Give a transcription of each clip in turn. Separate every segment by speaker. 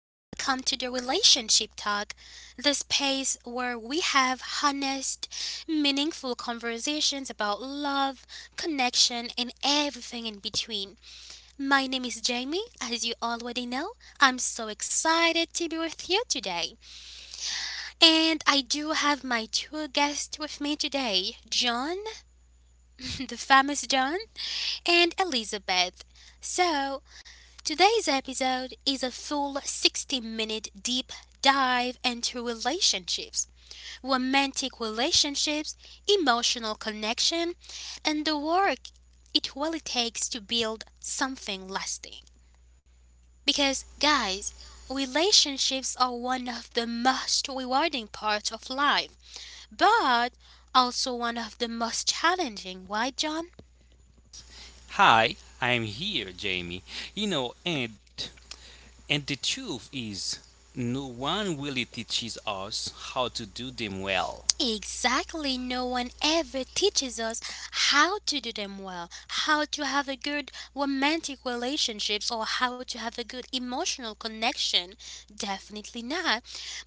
Speaker 1: Welcome to the Relationship Talk, the space where we have honest, meaningful conversations about love, connection, and everything in between. My name is Jamie, as you already know. I'm so excited to be with you today. And I do have my two guests with me today John, the famous John, and Elizabeth. So, Today's episode is a full 60-minute deep dive into relationships, romantic relationships, emotional connection, and the work it really takes to build something lasting. Because, guys, relationships are one of the most rewarding parts of life, but also one of the most challenging, right, John?
Speaker 2: Hi, I'm here, Jamie. You know, and and the truth is, no one really teaches us how to do them well.
Speaker 1: Exactly, no one ever teaches us how to do them well, how to have a good romantic relationships or how to have a good emotional connection. Definitely not.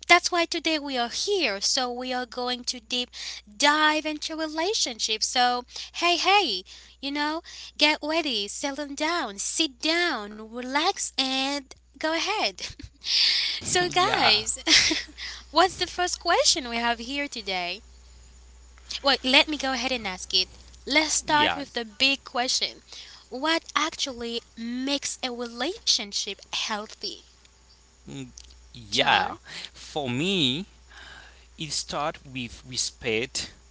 Speaker 1: That's why today we are here. So we are going to deep dive into relationships. So, hey, hey, you know, get ready, settle down, sit down, relax and go ahead. so
Speaker 2: yeah,
Speaker 1: guys, what's the first question we have here today? Well, let me go ahead and ask it. Let's
Speaker 2: yeah,
Speaker 1: start with the big question. What actually makes a relationship healthy?
Speaker 2: yeah.
Speaker 1: John?
Speaker 2: For me, it starts with respect.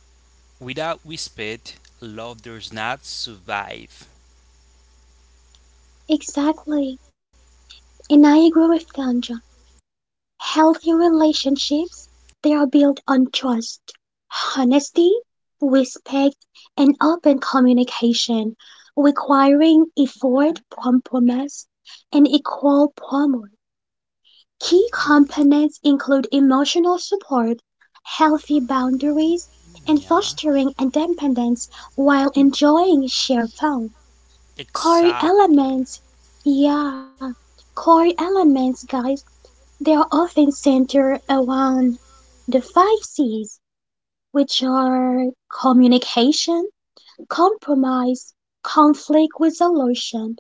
Speaker 2: Without respect, love does not survive.
Speaker 3: Exactly. And I agree with Tanja. Healthy relationships, they are built on trust, honesty, respect, and open communication, requiring effort compromise, and equal power. Key components include emotional support, healthy boundaries, and
Speaker 2: Yeah.
Speaker 3: fostering independence while enjoying shared fun. Core
Speaker 2: Exactly.
Speaker 3: elements, yeah, core elements, guys, they are often centered around the five C's, which are communication, compromise, conflict resolution,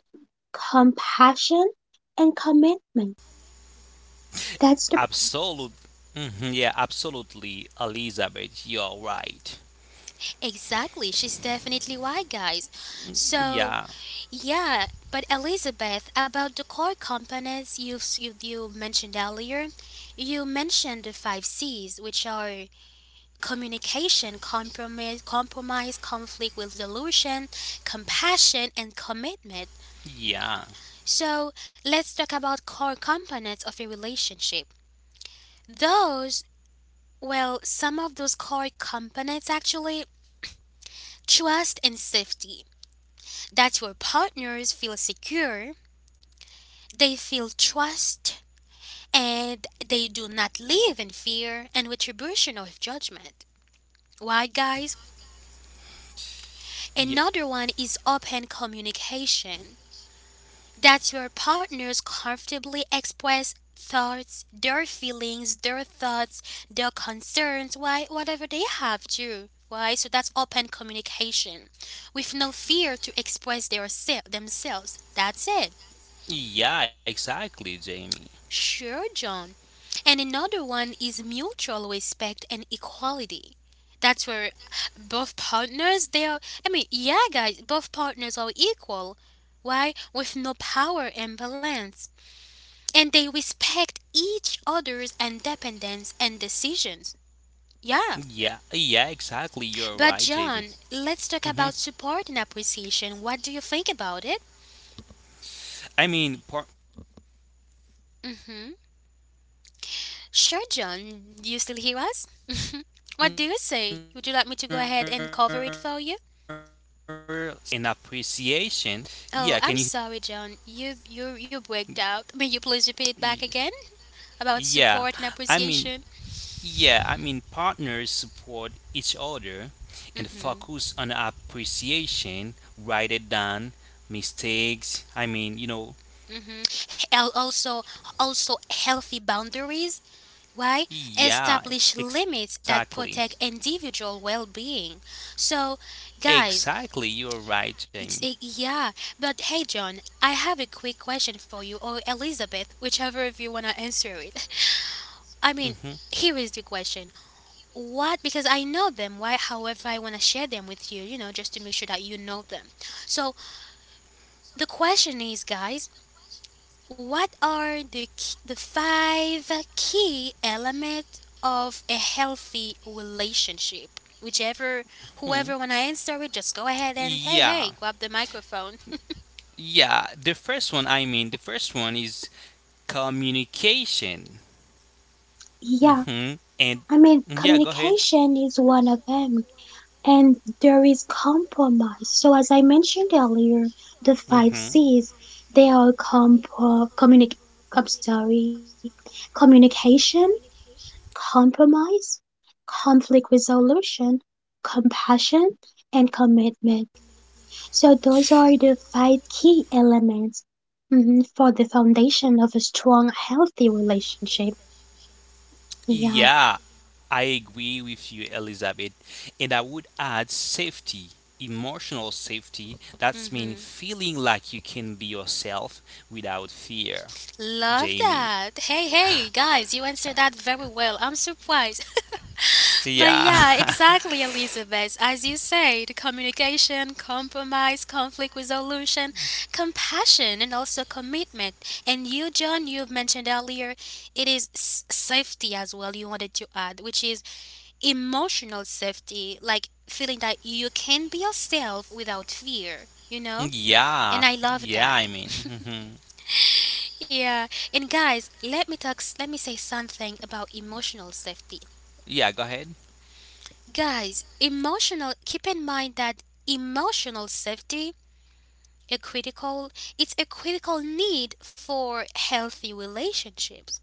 Speaker 3: compassion, and commitment. That's the,
Speaker 2: Absolute. Mhm, yeah, absolutely, Elizabeth. You're right.
Speaker 1: Exactly, she's definitely why, guys.
Speaker 2: Yeah.
Speaker 1: So, yeah, but Elizabeth, about the core components you mentioned earlier, you mentioned the five C's, which are communication, compromise, conflict resolution, compassion, and commitment.
Speaker 2: Yeah.
Speaker 1: So let's talk about core components of a relationship. Those, well, some of those core components actually trust and safety. That your partners feel secure, they feel trust, and they do not live in fear and retribution or judgment. Why, guys?
Speaker 2: Yeah.
Speaker 1: Another one is open communication. That your partners comfortably express their feelings, their concerns, why whatever they have too. Why? So that's open communication with no fear to express themselves. That's it.
Speaker 2: Yeah, exactly, Jamie.
Speaker 1: Sure, John. And another one is mutual respect and equality. That's where both partners they are I mean, yeah guys, both partners are equal. Why? With no power imbalance. And they respect each other's independence and decisions. Yeah.
Speaker 2: Yeah. Yeah, exactly. You're
Speaker 1: But
Speaker 2: right, Jamie.
Speaker 1: John, let's talk about
Speaker 2: hmm
Speaker 1: support and appreciation. What do you think about it?
Speaker 2: I mean, partner support,
Speaker 1: Mm-hmm.
Speaker 2: teach order, and
Speaker 1: Sure,
Speaker 2: focus
Speaker 1: John. Do you still
Speaker 2: and
Speaker 1: hear us?
Speaker 2: appreciation.
Speaker 1: What do you say?
Speaker 2: Yeah,
Speaker 1: Would you like me to go ahead and cover it for you?
Speaker 2: yeah, can you hear me, Jamie?
Speaker 1: Oh, I'm sorry, John. You breaked out. May you please repeat it back
Speaker 2: Y-
Speaker 1: again about
Speaker 2: yeah,
Speaker 1: support and
Speaker 2: I mean,
Speaker 1: appreciation?
Speaker 2: yeah, I mean, partners support each other and
Speaker 1: Mm-hmm.
Speaker 2: focus on appreciation rather than mistakes.
Speaker 1: Mm-hmm. Also, also healthy boundaries. Why?
Speaker 2: Yeah,
Speaker 1: Establish
Speaker 2: exactly.
Speaker 1: limits that protect individual well being. So,
Speaker 2: Exactly,
Speaker 1: guys,
Speaker 2: you're right, Jamie.
Speaker 1: it's a yeah. But hey, John, I have a quick question for you, or Elizabeth, whichever of you want to answer it.
Speaker 2: hmm
Speaker 1: I mean, here is the question. What? Because I know them, why? However, I want to share them with you, you know, just to make sure that you know them. So, the question is, guys, what are the, the five key elements of a healthy relationship? Whichever, whoever want to answer it, just go ahead and
Speaker 2: Yeah,
Speaker 1: grab the microphone.
Speaker 2: the first one is communication.
Speaker 3: yeah,
Speaker 2: hmm And
Speaker 3: I mean,
Speaker 2: yeah, go ahead.
Speaker 3: Communication is one of them, and there is compromise. So, as I mentioned earlier, the five
Speaker 2: hmm
Speaker 3: C's they are I'm sorry, communication, compromise, conflict resolution, compassion, and commitment. So, those are the five key elements mhm, for the foundation of a strong, healthy relationship. Yeah.
Speaker 2: Yeah, I agree with you, Elizabeth. And I would add safety, emotional safety. That's mean
Speaker 1: hmm.
Speaker 2: feeling like you can be yourself without fear,
Speaker 1: Love
Speaker 2: Jamie.
Speaker 1: that. Guys, you answered that very well. I'm surprised. But
Speaker 2: Yeah,
Speaker 1: yeah, exactly, Elizabeth. As you said, communication, compromise, conflict resolution, compassion, and also commitment. And you, John, you've mentioned earlier, it is safety as well, you wanted to add, which is emotional safety, like feeling that you can be yourself without fear, you know? And I
Speaker 2: yeah,
Speaker 1: love
Speaker 2: yeah.
Speaker 1: that.
Speaker 2: Hmm
Speaker 1: Yeah, and guys, let me talk. Let me say something about emotional safety.
Speaker 2: yeah. Go aye. Ahead.
Speaker 1: Guys, emotional keep in mind that emotional safety a critical it's a critical need for healthy relationships.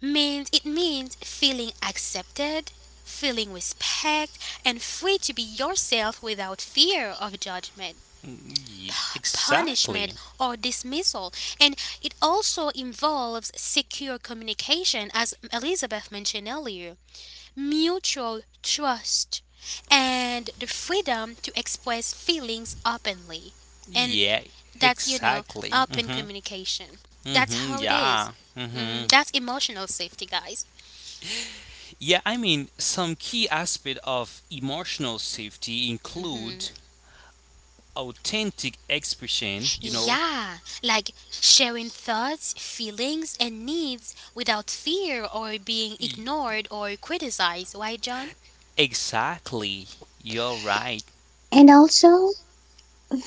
Speaker 1: Means it means feeling accepted, feeling respect and free to be yourself without fear of judgment,
Speaker 2: Mm,
Speaker 1: punishment
Speaker 2: exactly.
Speaker 1: or dismissal. And it also involves secure communication, as Elizabeth mentioned earlier, mutual trust, and the freedom to express feelings openly. And
Speaker 2: Yeah,
Speaker 1: that's, you know,
Speaker 2: exactly.
Speaker 1: open
Speaker 2: Mhm.
Speaker 1: communication. That's how
Speaker 2: Mhm.
Speaker 1: it is.
Speaker 2: Yeah.
Speaker 1: Mm,
Speaker 2: Mhm.
Speaker 1: that's emotional safety, guys.
Speaker 2: Yeah, some key aspect of emotional safety
Speaker 1: Hmm.
Speaker 2: include authentic expression, you know.
Speaker 1: Yeah, like sharing thoughts, feelings, and needs without fear or being
Speaker 2: E-
Speaker 1: ignored or criticized. Why, John?
Speaker 2: Exactly. You're right.
Speaker 3: And also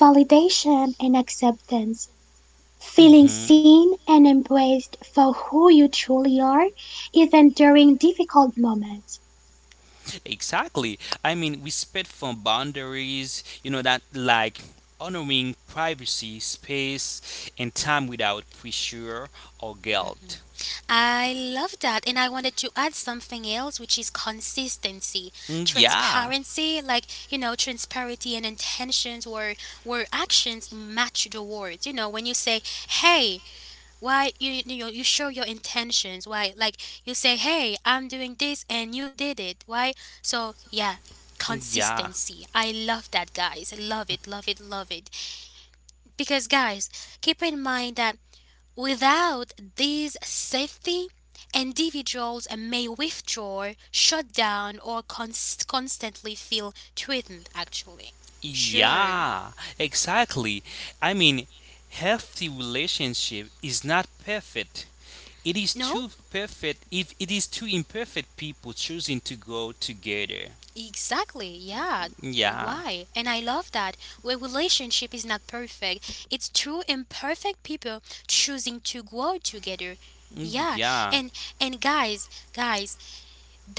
Speaker 3: validation and acceptance. Feeling
Speaker 2: Mhm.
Speaker 3: seen and embraced for who you truly are, even during difficult moments.
Speaker 2: Exactly. I mean, respect for boundaries, you know, that like honoring privacy, space, and time without pressure or
Speaker 1: Mm-hmm.
Speaker 2: guilt.
Speaker 1: I love that. And I wanted to add something else, which is consistency,
Speaker 2: Mm, yeah,
Speaker 1: transparency, like, you know, transparency and intentions where actions match the words. You know, when you say, hey, why, you know, you show your intentions. Why, like, you say, hey, I'm doing this and you did it. Why? So, yeah,
Speaker 2: mm, yeah,
Speaker 1: consistency. I love that, guys. Love it, love it, love it. Because, guys, keep in mind that without this safety, individuals may withdraw, shut down, or constantly feel threatened, actually. Sure.
Speaker 2: yeah, exactly. I mean, healthy relationship is not perfect. It is
Speaker 1: No,
Speaker 2: too perfect if it is two imperfect people choosing to go together.
Speaker 1: exactly. Yeah.
Speaker 2: Yeah,
Speaker 1: Why? And I love that. A relationship is not perfect. It's two imperfect people choosing to grow together.
Speaker 2: mm,
Speaker 1: Yeah.
Speaker 2: yeah,
Speaker 1: And and guys, guys,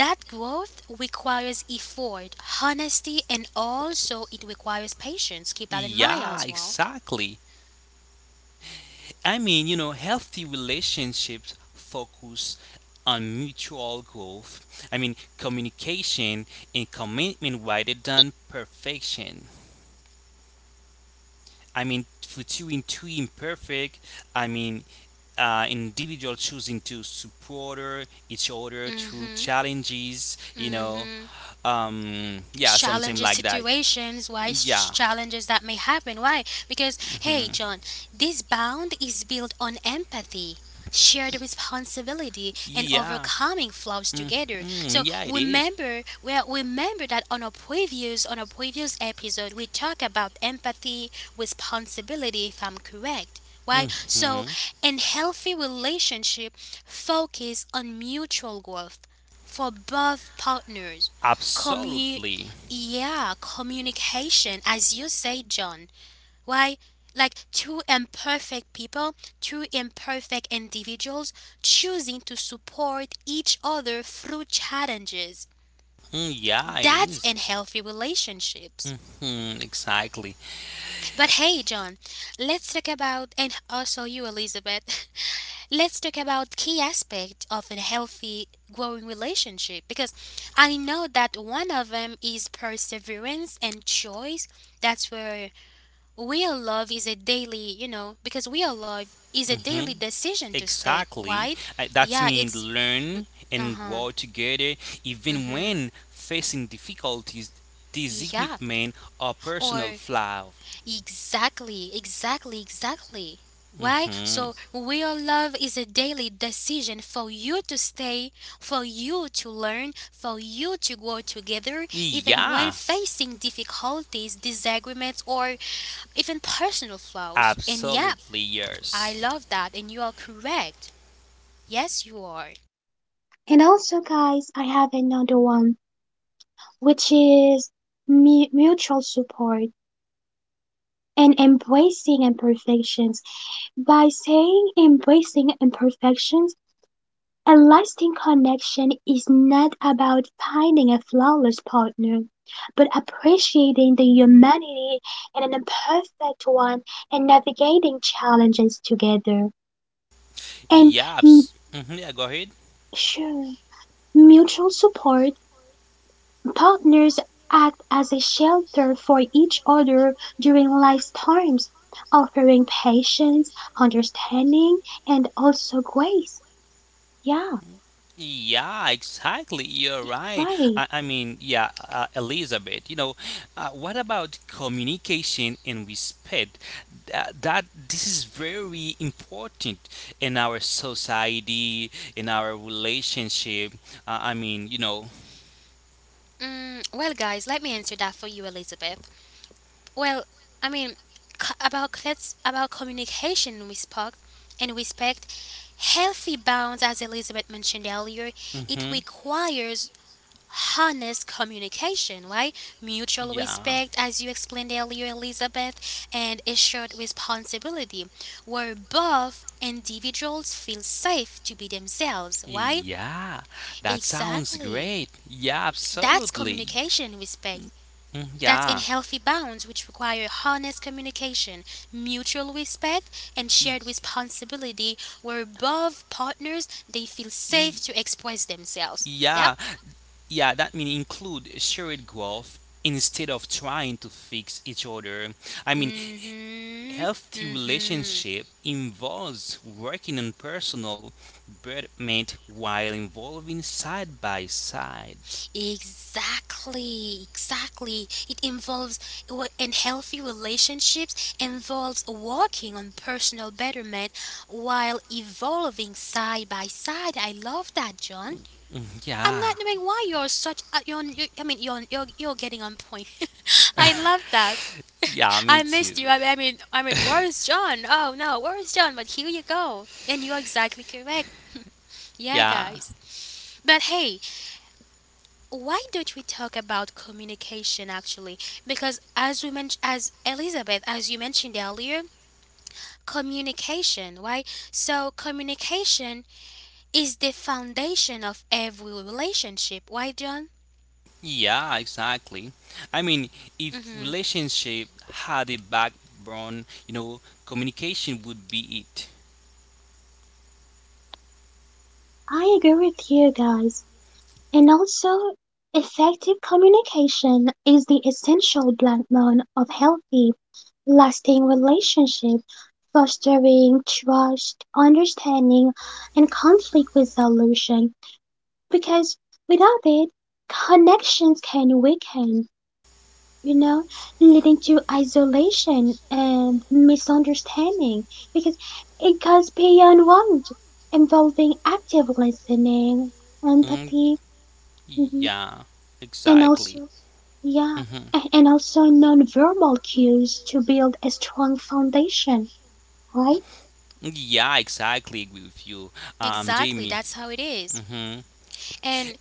Speaker 1: that growth requires effort, honesty, and also it requires patience. Keep that in mind
Speaker 2: yeah,
Speaker 1: as well.
Speaker 2: exactly. Healthy relationships focus on mutual growth. I mean, communication and commitment rather than perfection. I mean, for two in Two imperfect, I mean, individual choosing to support each other
Speaker 1: Mm
Speaker 2: through
Speaker 1: hmm.
Speaker 2: challenges, you
Speaker 1: Mm
Speaker 2: know,
Speaker 1: hmm.
Speaker 2: yeah, something like that. Yeah,
Speaker 1: Challenges that may happen, why, because hey
Speaker 2: mhm.
Speaker 1: John, this bond is built on empathy, shared responsibility and
Speaker 2: Yeah,
Speaker 1: overcoming flaws together. So
Speaker 2: yeah, it is.
Speaker 1: remember, remember that on a previous episode we talked about empathy, responsibility, if I'm correct. Why? So
Speaker 2: Mhm.
Speaker 1: in healthy relationship focus on mutual growth for both partners,
Speaker 2: Absolutely.
Speaker 1: yeah, communication, as you say, John. Why, like two imperfect individuals choosing to support each other through challenges.
Speaker 2: Mm, yeah, it
Speaker 1: That's
Speaker 2: is.
Speaker 1: in healthy relationships.
Speaker 2: Mhm, exactly.
Speaker 1: But hey, John, let's talk about, and also you, Elizabeth, let's talk about key aspect of a healthy growing relationship because I know that one of them is perseverance and choice. That's where real love is a
Speaker 2: hmm
Speaker 1: daily decision to stay.
Speaker 2: exactly.
Speaker 1: Why?
Speaker 2: That's
Speaker 1: Yeah,
Speaker 2: mean
Speaker 1: it's
Speaker 2: learn
Speaker 1: uh
Speaker 2: and
Speaker 1: huh.
Speaker 2: grow together, even
Speaker 1: Mm-hmm.
Speaker 2: when facing difficulties,
Speaker 1: Yeah.
Speaker 2: disagreement, or personal
Speaker 1: Or
Speaker 2: flaw.
Speaker 1: exactly. Why?
Speaker 2: hmm
Speaker 1: So real love is a daily decision for you to stay, for you to learn, for you to grow together, even when
Speaker 2: Yeah,
Speaker 1: facing difficulties, disagreements, or even personal flaws. And yeah,
Speaker 2: absolutely
Speaker 1: I
Speaker 2: yes.
Speaker 1: love that, and you are correct. Yes, you are.
Speaker 3: And also, guys, I have another one, which is mutual support and embracing imperfections. By saying embracing imperfections, a lasting connection is not about finding a flawless partner, but appreciating the humanity in an imperfect one and navigating challenges together. And
Speaker 2: Yeah,
Speaker 3: mm,
Speaker 2: mhm, yeah. Go ahead.
Speaker 3: sure, mutual support. Partners act as a shelter for each other during life's times, offering patience, understanding, and also grace. Yeah,
Speaker 2: Yeah, exactly. You're right.
Speaker 3: right.
Speaker 2: Yeah, Elizabeth, you know, what about communication and respect? That this is very important in our society, in our relationship. Uh, I mean, you know,
Speaker 1: Mm, well, guys, let me answer that for you, Elizabeth. Well, I mean, c- about let's about communication and respect. Healthy bounds, as Elizabeth mentioned earlier, it
Speaker 2: hmm
Speaker 1: requires honest communication, right? Mutual
Speaker 2: yeah,
Speaker 1: respect, as you explained earlier, Elizabeth, and a shared responsibility, where both individuals feel safe to be themselves, right?
Speaker 2: yeah, that sounds
Speaker 1: Exactly.
Speaker 2: great. Yeah,
Speaker 1: That's
Speaker 2: absolutely.
Speaker 1: communication and respect.
Speaker 2: Mm,
Speaker 1: That's in
Speaker 2: yeah,
Speaker 1: healthy bounds, which require honest communication, mutual respect, and
Speaker 2: E-
Speaker 1: shared responsibility, where both partners they feel
Speaker 2: e-
Speaker 1: safe to express themselves.
Speaker 2: yeah.
Speaker 1: Yep.
Speaker 2: Yeah, that means include shared growth instead of trying to fix each other. I mean,
Speaker 1: Mm-hmm.
Speaker 2: healthy
Speaker 1: Mm-hmm.
Speaker 2: relationship involves working on personal betterment while involving side by side.
Speaker 1: Exactly. It involves w- and healthy relationships involves working on personal betterment while evolving side by side. I love that, John. I'm
Speaker 2: Yeah,
Speaker 1: not knowing why you're such. A, you're, you I mean, you're getting on point. I love that.
Speaker 2: yeah, me
Speaker 1: I
Speaker 2: too.
Speaker 1: missed you. I mean, where is John? Oh no, where is John? But here you go, and you're exactly correct. Yeah,
Speaker 2: Yeah,
Speaker 1: guys. But hey, why don't we talk about communication actually? Because as we mentioned, as you mentioned earlier, communication, right? So communication is the foundation of every relationship. Why, John?
Speaker 2: yeah, exactly. I mean, if
Speaker 1: Mm-hmm.
Speaker 2: relationship had a backbone, you know, communication would be it.
Speaker 3: I agree with you guys. And also, effective communication is the essential backbone of healthy, lasting relationship, fostering trust, understanding, and conflict resolution, because without it, connections can weaken, you know, leading to isolation and misunderstanding because it goes beyond want, involving active listening,
Speaker 2: Mm,
Speaker 3: empathy, mhm,
Speaker 2: yeah,
Speaker 3: and
Speaker 2: exactly.
Speaker 3: also, yeah,
Speaker 2: Mhm.
Speaker 3: and also nonverbal cues to build a strong foundation, right?
Speaker 2: Yeah, exactly agree with you,
Speaker 1: Exactly,
Speaker 2: Jamie.
Speaker 1: that's how it is.
Speaker 2: hmm
Speaker 1: And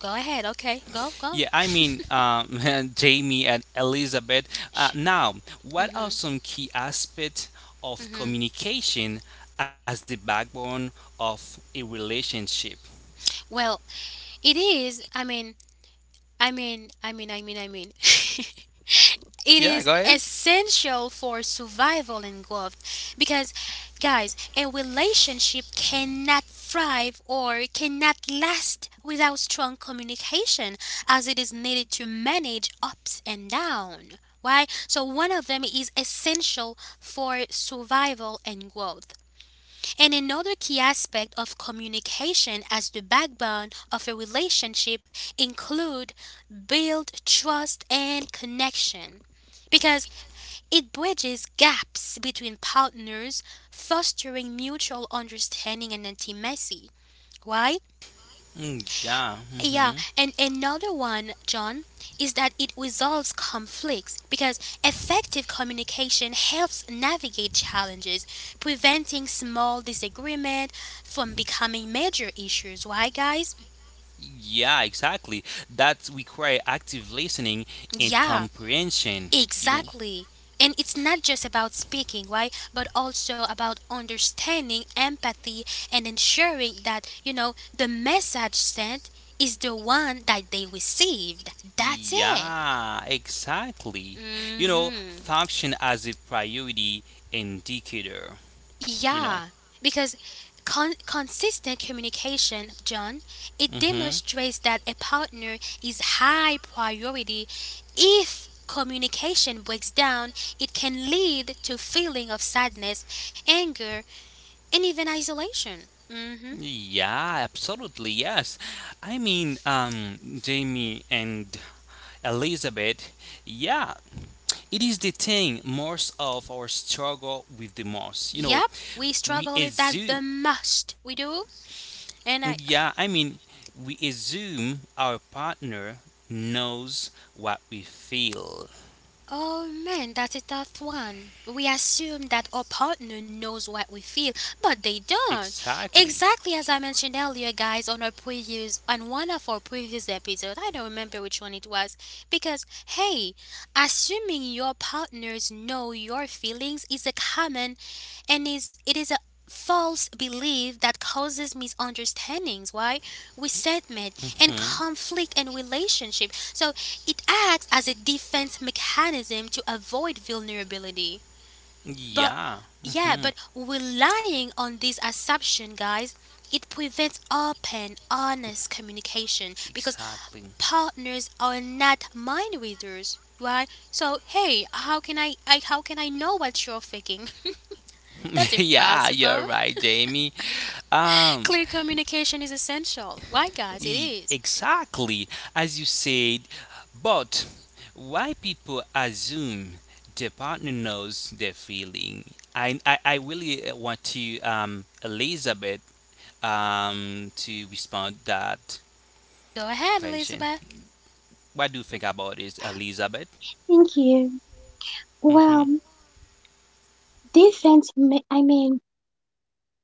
Speaker 1: go ahead, okay, go.
Speaker 2: Yeah, Jamie and Elizabeth. Uh, now, what are
Speaker 1: mm-hmm,
Speaker 2: some key aspects of
Speaker 1: mm-hmm.
Speaker 2: communication as the backbone of a relationship?
Speaker 1: Well, it is. I mean, I mean, I mean, I mean, I mean. It
Speaker 2: Yeah,
Speaker 1: is
Speaker 2: go ahead.
Speaker 1: essential for survival and growth because guys a relationship cannot thrive or cannot last without strong communication as it is needed to manage ups and downs. Why? So one of them is essential for survival and growth, and another key aspect of communication as the backbone of a relationship include build trust and connection, because it bridges gaps between partners, fostering mutual understanding and intimacy. Why?
Speaker 2: Mm, yeah.
Speaker 1: Yeah, and another one, John, is that it resolves conflicts because effective communication helps navigate challenges, preventing small disagreement from becoming major issues. Why, guys?
Speaker 2: Yeah, exactly. That require active listening and
Speaker 1: Yeah,
Speaker 2: comprehension. You know,
Speaker 1: exactly. And it's not just about speaking, right? But also about understanding empathy and ensuring that, you know, the message sent is the one that they received. That's it.
Speaker 2: yeah, exactly. You know,
Speaker 1: Mhm.
Speaker 2: function as a priority indicator, you know.
Speaker 1: Yeah, because consistent communication, John, it
Speaker 2: hmm
Speaker 1: demonstrates that a partner is high priority. If communication breaks down, it can lead to feeling of sadness, anger, and even isolation. Mhm.
Speaker 2: Yeah, absolutely. Yes. Jamie and Elizabeth, yeah, it is the thing most of our struggle with the most. You
Speaker 1: Yep,
Speaker 2: know,
Speaker 1: we struggle with
Speaker 2: we
Speaker 1: that the
Speaker 2: assume,
Speaker 1: most. We do. And I
Speaker 2: yeah, I mean, we assume our partner knows what we feel.
Speaker 1: Oh man, that's a tough one. We assume that our partner knows what we feel, but they don't.
Speaker 2: Exactly.
Speaker 1: Exactly as I mentioned earlier, guys, on our previous on one of our previous episodes, I don't remember which one it was, because hey, assuming your partners know your feelings is a common and is it is a false belief that causes misunderstandings, why, resentment
Speaker 2: Mm-hmm.
Speaker 1: and conflict in relationship. So it acts as a defense mechanism to avoid vulnerability.
Speaker 2: Yeah,
Speaker 1: But
Speaker 2: hmm
Speaker 1: yeah, but relying on this assumption, guys, it prevents open, honest communication because
Speaker 2: exactly.
Speaker 1: partners are not mind readers, right? So hey, how can I how can I know what you're thinking? That's
Speaker 2: yeah,
Speaker 1: impossible.
Speaker 2: you're right, Jamie. Um,
Speaker 1: Clear communication is essential. Why, guys? It is.
Speaker 2: exactly as you said. But why people assume the partner knows their feeling? I really want to Elizabeth to respond that
Speaker 1: Go ahead,
Speaker 2: question.
Speaker 1: Elizabeth.
Speaker 2: What do you think about this, Elizabeth?
Speaker 3: Thank you. Well,
Speaker 2: hmm
Speaker 3: defense, ma- I mean,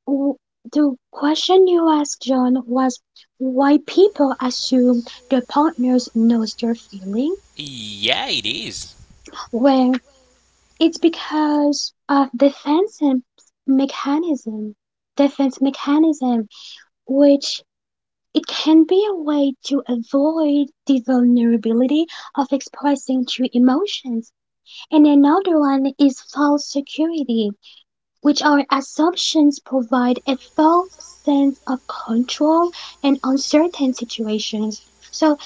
Speaker 3: W- the question you asked John was why people assume their partners knows their feeling.
Speaker 2: Yeah, it is.
Speaker 3: Well, it's because of mechanism, defense mechanism, which it can be a way to avoid the vulnerability of expressing true emotions. And another one is false security, which our assumptions provide a false sense of control in uncertain situations. So,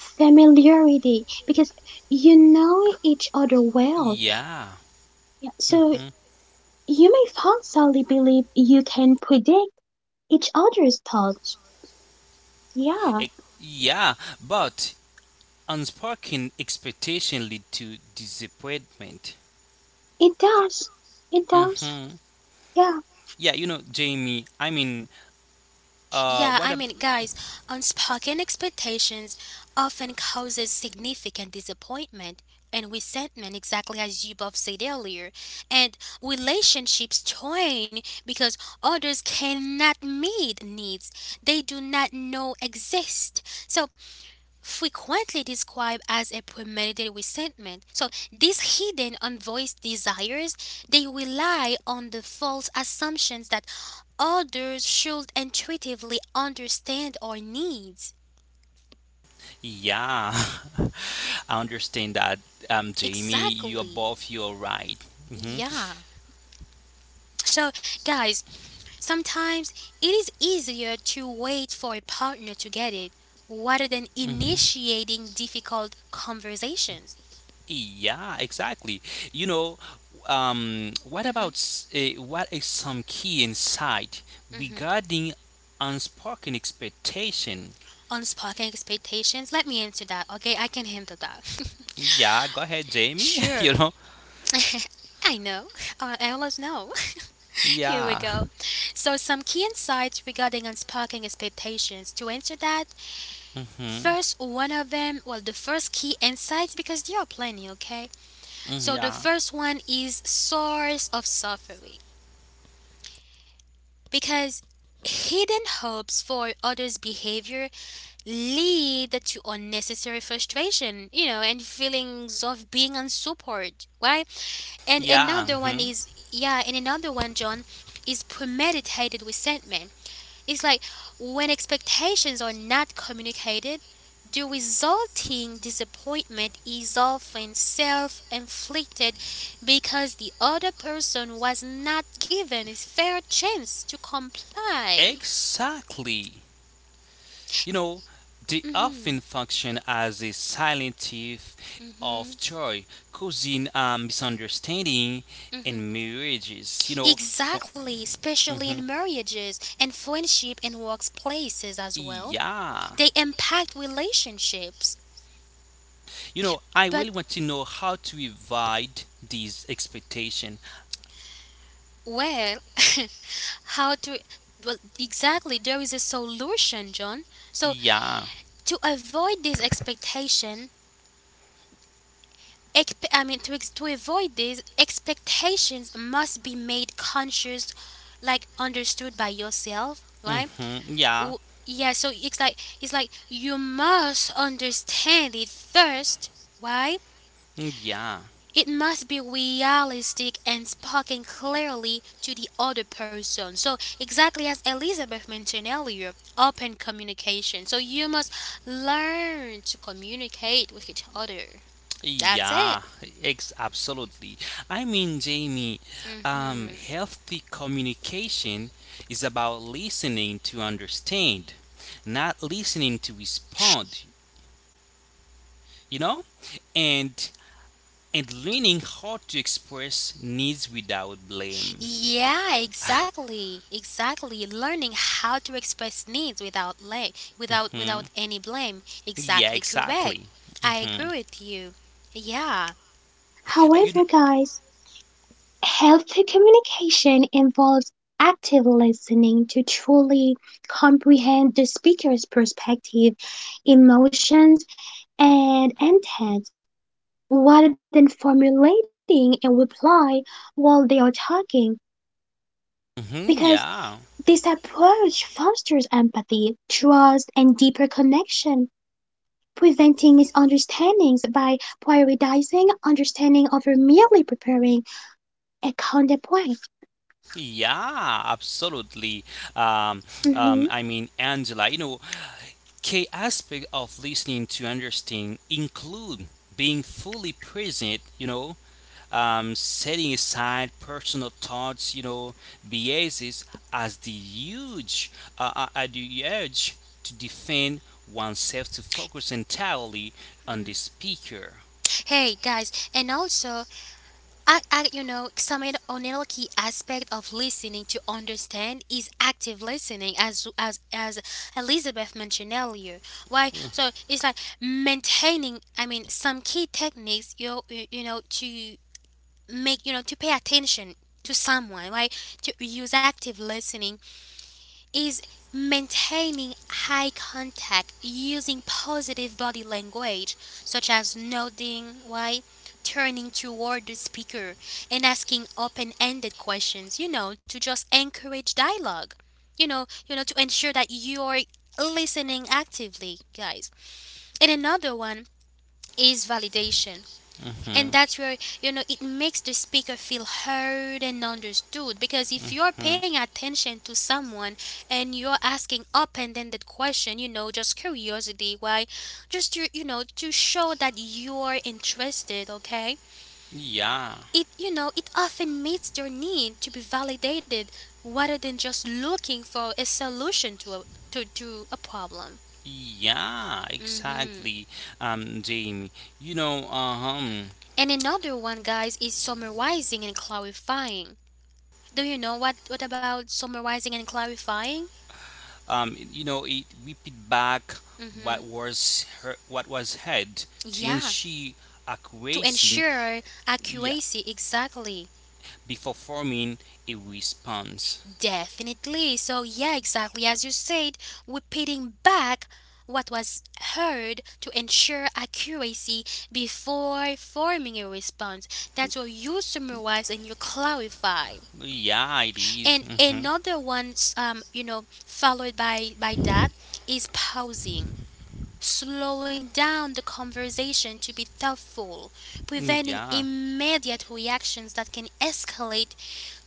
Speaker 3: familiarity, because you know each other well.
Speaker 2: Yeah.
Speaker 3: Yeah, so, you may falsely believe you can predict each other's thoughts. Yeah,
Speaker 2: Ex- yeah, but unspoken expectation lead to disappointment.
Speaker 3: it does. It does.
Speaker 2: Mm-hmm.
Speaker 3: Yeah.
Speaker 2: Yeah, you know, Jamie, uh,
Speaker 1: Yeah,
Speaker 2: what
Speaker 1: I
Speaker 2: a...
Speaker 1: mean, guys, unspoken expectations often causes significant disappointment and resentment, exactly as you both said earlier. And relationships strain because others cannot meet needs they do not know exist. So frequently described as a premeditated resentment. So these hidden unvoiced desires, they rely on the false assumptions that others should intuitively understand our needs.
Speaker 2: Yeah, I understand that, Jamie, you're
Speaker 1: Exactly.
Speaker 2: both, you're right. Mm-hmm.
Speaker 1: Yeah. So guys, sometimes it is easier to wait for a partner to get it rather than
Speaker 2: Mm-hmm.
Speaker 1: initiating difficult conversations.
Speaker 2: Yeah, exactly. You know, what about
Speaker 1: Mhm.
Speaker 2: s- eh, what is some key insight regarding unspoken expectation?
Speaker 1: Unspoken expectations? Let me answer that, okay? I can handle that.
Speaker 2: Yeah, go ahead, Jamie.
Speaker 1: Sure.
Speaker 2: You know,
Speaker 1: I know. I always know. Here we
Speaker 2: yeah,
Speaker 1: go. So, some key insights regarding unsparking expectations. To answer that,
Speaker 2: mm-hmm.
Speaker 1: first one of them, well, the first key insights, because there are plenty, okay?
Speaker 2: Mm,
Speaker 1: So, the
Speaker 2: yeah,
Speaker 1: first one is source of suffering. Because hidden hopes for others' behavior lead to unnecessary frustration, and feelings of being unsupported, right? And
Speaker 2: yeah,
Speaker 1: another one
Speaker 2: mm-hmm.
Speaker 1: is, yeah, and another one, John, is premeditated resentment. It's like when expectations are not communicated, the resulting disappointment is often self inflicted because the other person was not given a fair chance to comply.
Speaker 2: Exactly. You know, they often
Speaker 1: hmm
Speaker 2: function as a silent thief of
Speaker 1: hmm
Speaker 2: joy, causing misunderstanding
Speaker 1: hmm
Speaker 2: in marriages.
Speaker 1: Exactly, especially in
Speaker 2: Mhm.
Speaker 1: marriages and friendship and workplaces as well.
Speaker 2: Yeah.
Speaker 1: They impact relationships.
Speaker 2: You know, I really
Speaker 1: But
Speaker 2: want to know how to avoid these expectation.
Speaker 1: well, how to well exactly there is a solution, John. So
Speaker 2: Yeah.
Speaker 1: to avoid this expectation, I mean to avoid these expectations must be made conscious, like understood by yourself, right?
Speaker 2: Yeah.
Speaker 1: w- yeah, so it's like you must understand it first. Why?
Speaker 2: Mm, yeah.
Speaker 1: It must be realistic and spoken clearly to the other person. So exactly as Elizabeth mentioned earlier, open communication. So you must learn to communicate with each other. That's it.
Speaker 2: Yeah, absolutely. I mean, Jamie,
Speaker 1: hmm
Speaker 2: healthy communication is about listening to understand, not listening to respond, you know? And learning how to express needs without blame.
Speaker 1: Yeah, exactly, exactly. Learning how to express needs without la- without
Speaker 2: Hmm.
Speaker 1: without any blame.
Speaker 2: Yeah,
Speaker 1: Exactly correct.
Speaker 2: exactly.
Speaker 1: I agree
Speaker 2: hmm
Speaker 1: with you. Yeah.
Speaker 2: Uh, You know,
Speaker 3: However, guys, healthy communication involves active listening to truly comprehend the speaker's perspective, emotions, and intent rather than formulating a reply while they are talking. Because
Speaker 2: yeah.
Speaker 3: this approach fosters empathy, trust, and deeper connection, preventing misunderstandings by prioritizing merely preparing a counterpoint.
Speaker 2: Yeah, absolutely. Um,
Speaker 3: Mhm.
Speaker 2: I mean, Angela, you know, key aspect of listening to understand include being fully present, you know, setting aside personal thoughts, you know, biases as the huge, the urge to defend oneself to focus entirely on the speaker.
Speaker 1: Hey guys, and also, I some another key aspect of listening to understand is active listening, as Elizabeth mentioned earlier. Why? So it's like maintaining. I mean, some key techniques you you, you know to make to pay attention to someone, right, to use active listening is maintaining high contact, using positive body language such as nodding, right, turning toward the speaker, and asking open-ended questions, to just encourage dialogue, to ensure that you're listening actively, guys. And another one is validation,
Speaker 2: Mm-hmm.
Speaker 1: and that's where, it makes the speaker feel heard and understood. Because if you're
Speaker 2: Mm-hmm.
Speaker 1: paying attention to someone and you're asking open ended question, just curiosity, why? Just to show that you're interested, okay?
Speaker 2: Yeah.
Speaker 1: It, you know, it often meets your need to be validated rather than just looking for a solution to a problem.
Speaker 2: Yeah,
Speaker 1: hmm
Speaker 2: exactly, Jamie. You know, um,
Speaker 1: And another one, guys, is summarizing and clarifying. Do you know what about summarizing and clarifying?
Speaker 2: you know, it repeat back
Speaker 1: Mhm.
Speaker 2: what was heard to
Speaker 1: Yeah,
Speaker 2: ensure
Speaker 1: to
Speaker 2: accuracy.
Speaker 1: ensure
Speaker 2: Yeah,
Speaker 1: accuracy exactly.
Speaker 2: before forming a response.
Speaker 1: Definitely. So yeah, exactly as you said, repeating back what was heard to ensure accuracy before forming a response. That's what you summarize and you clarify.
Speaker 2: Yeah, it is.
Speaker 1: And
Speaker 2: Mm-hmm.
Speaker 1: another one, followed by that is pausing, slowing down the conversation to be thoughtful, preventing
Speaker 2: Yeah,
Speaker 1: immediate reactions that can escalate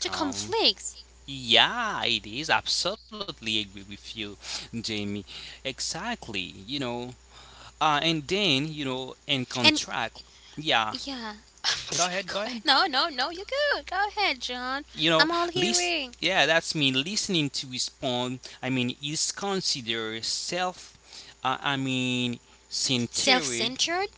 Speaker 1: to conflicts.
Speaker 2: Yeah, it is. Absolutely agree with you, Jamie. Exactly. You know, and then you know, in
Speaker 1: And
Speaker 2: contract. Yeah,
Speaker 1: yeah. Go
Speaker 2: go
Speaker 1: ahead.
Speaker 2: ahead.
Speaker 1: No, no, no, you're good. Go ahead, John.
Speaker 2: You know,
Speaker 1: I'm all
Speaker 2: list.
Speaker 1: hearing.
Speaker 2: Yeah, that's me. Listening to respond. Is considered self. Uh, I mean,
Speaker 1: Self
Speaker 2: Centered.
Speaker 1: centered?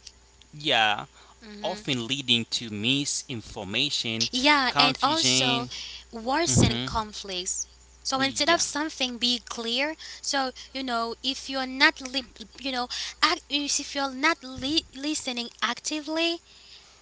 Speaker 2: Yeah,
Speaker 1: hmm
Speaker 2: often leading to misinformation,
Speaker 1: Yeah, and also
Speaker 2: confusion.
Speaker 1: worsen
Speaker 2: Mhm.
Speaker 1: conflicts. So instead of
Speaker 2: Yeah,
Speaker 1: something be clear, so if you're not, you know, if you're not listening actively,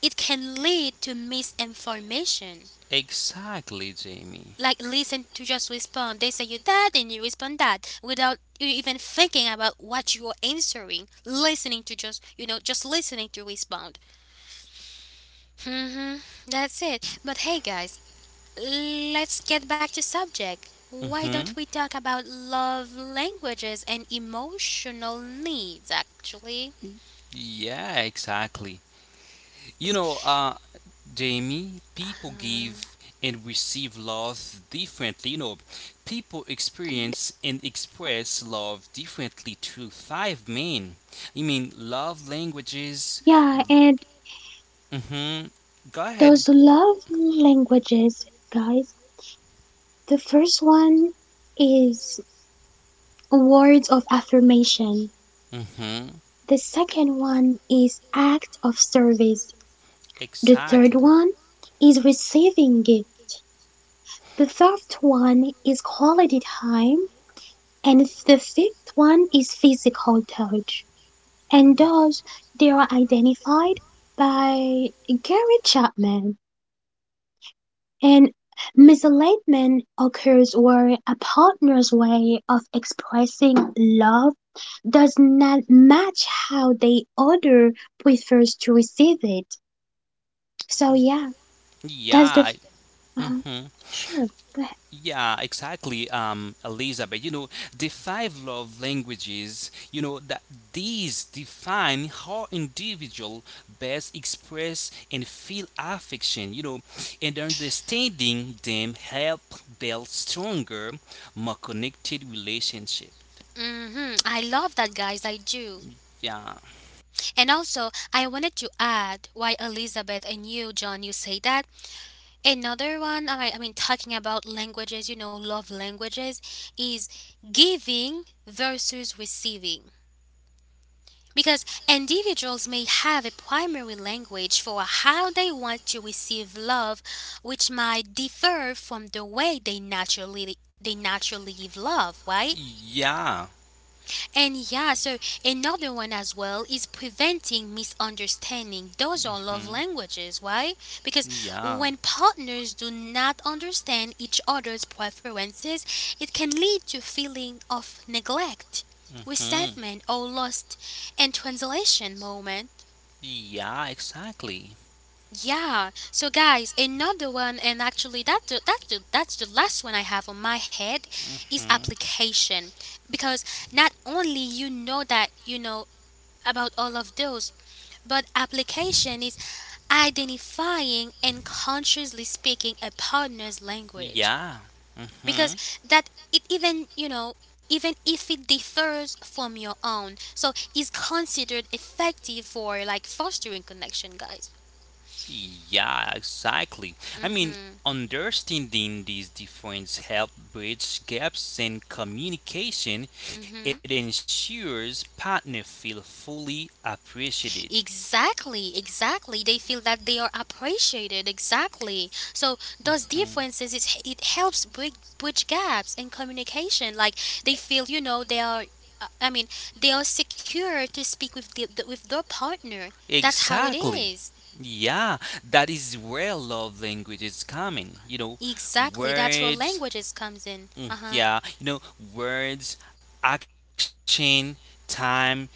Speaker 1: it can lead to misinformation.
Speaker 2: exactly, Jamie.
Speaker 1: Like listen to just respond. They say you that and you respond that without you even thinking about what you are answering. Listening to just you know just listening to respond. hmm That's it. But hey guys, let's get back to subject. Why don't
Speaker 2: Mhm.
Speaker 1: we talk about love languages and emotional needs actually?
Speaker 2: Yeah, exactly. You know, They people
Speaker 1: Uh-huh.
Speaker 2: give and receive love differently. You know, people experience and express love differently through five main. You mean love languages?
Speaker 3: Yeah, and
Speaker 2: Mm-hmm. Go ahead.
Speaker 3: those love languages, guys. The first one is words of affirmation.
Speaker 2: Mm-hmm.
Speaker 3: The second one is act of service. The third
Speaker 2: Exactly.
Speaker 3: one is receiving gift. The fourth one is quality time. And the fifth one is physical touch. And those, they are identified by Gary Chapman. And misalignment occurs where a partner's way of expressing love does not match how the other prefers to receive it. So
Speaker 2: Y-
Speaker 3: yeah, that's the
Speaker 2: yeah.
Speaker 3: f- uh,
Speaker 2: Mm-hmm.
Speaker 3: sure, go ahead.
Speaker 2: Yeah, exactly, Elizabeth. You know, the five love languages, you know, that these define how individual best express and feel affection, you know, and understanding them help build stronger, more connected relationship.
Speaker 1: I love that, guys, I do.
Speaker 2: Yeah.
Speaker 1: And also, I wanted to add why Elizabeth and you, John, you say that. Another one, I mean, talking about languages, love languages, is giving versus receiving. Because individuals may have a primary language for how they want to receive love, which might differ from the way they naturally give love, right?
Speaker 2: Yeah.
Speaker 1: And yeah, so another one as well is preventing misunderstanding. Those are love
Speaker 2: hmm
Speaker 1: languages. Why? Because
Speaker 2: Yeah.
Speaker 1: when partners do not understand each other's preferences, it can lead to feeling of neglect,
Speaker 2: hmm
Speaker 1: resentment, or lost in translation moment.
Speaker 2: Yeah, exactly.
Speaker 1: Yeah. So guys, another one, and actually that's the last one I have on my head, is
Speaker 2: Mm-hmm.
Speaker 1: application, because not only that about all of those, but application is identifying and consciously speaking a partner's language,
Speaker 2: Yeah.
Speaker 1: because
Speaker 2: hmm
Speaker 1: that it even, you know, even if it differs from your own, so is considered effective for like fostering connection, guys.
Speaker 2: Yeah, exactly. I mean,
Speaker 1: Mhm.
Speaker 2: Understanding these differences help bridge gaps in communication. It
Speaker 1: Mhm.
Speaker 2: ensures partner feel fully appreciated.
Speaker 1: Exactly, exactly. They feel that they are appreciated. Exactly. So those
Speaker 2: hmm
Speaker 1: differences, it helps bridge gaps in communication. Like they feel, they are. I mean, they are secure to speak with with their partner. That's how it
Speaker 2: Exactly.
Speaker 1: is.
Speaker 2: Yeah, that is where love language is coming. You know,
Speaker 1: Exactly. That's where
Speaker 2: words,
Speaker 1: languages comes in.
Speaker 2: mm,
Speaker 1: Uh huh.
Speaker 2: yeah, you know, words, action, time,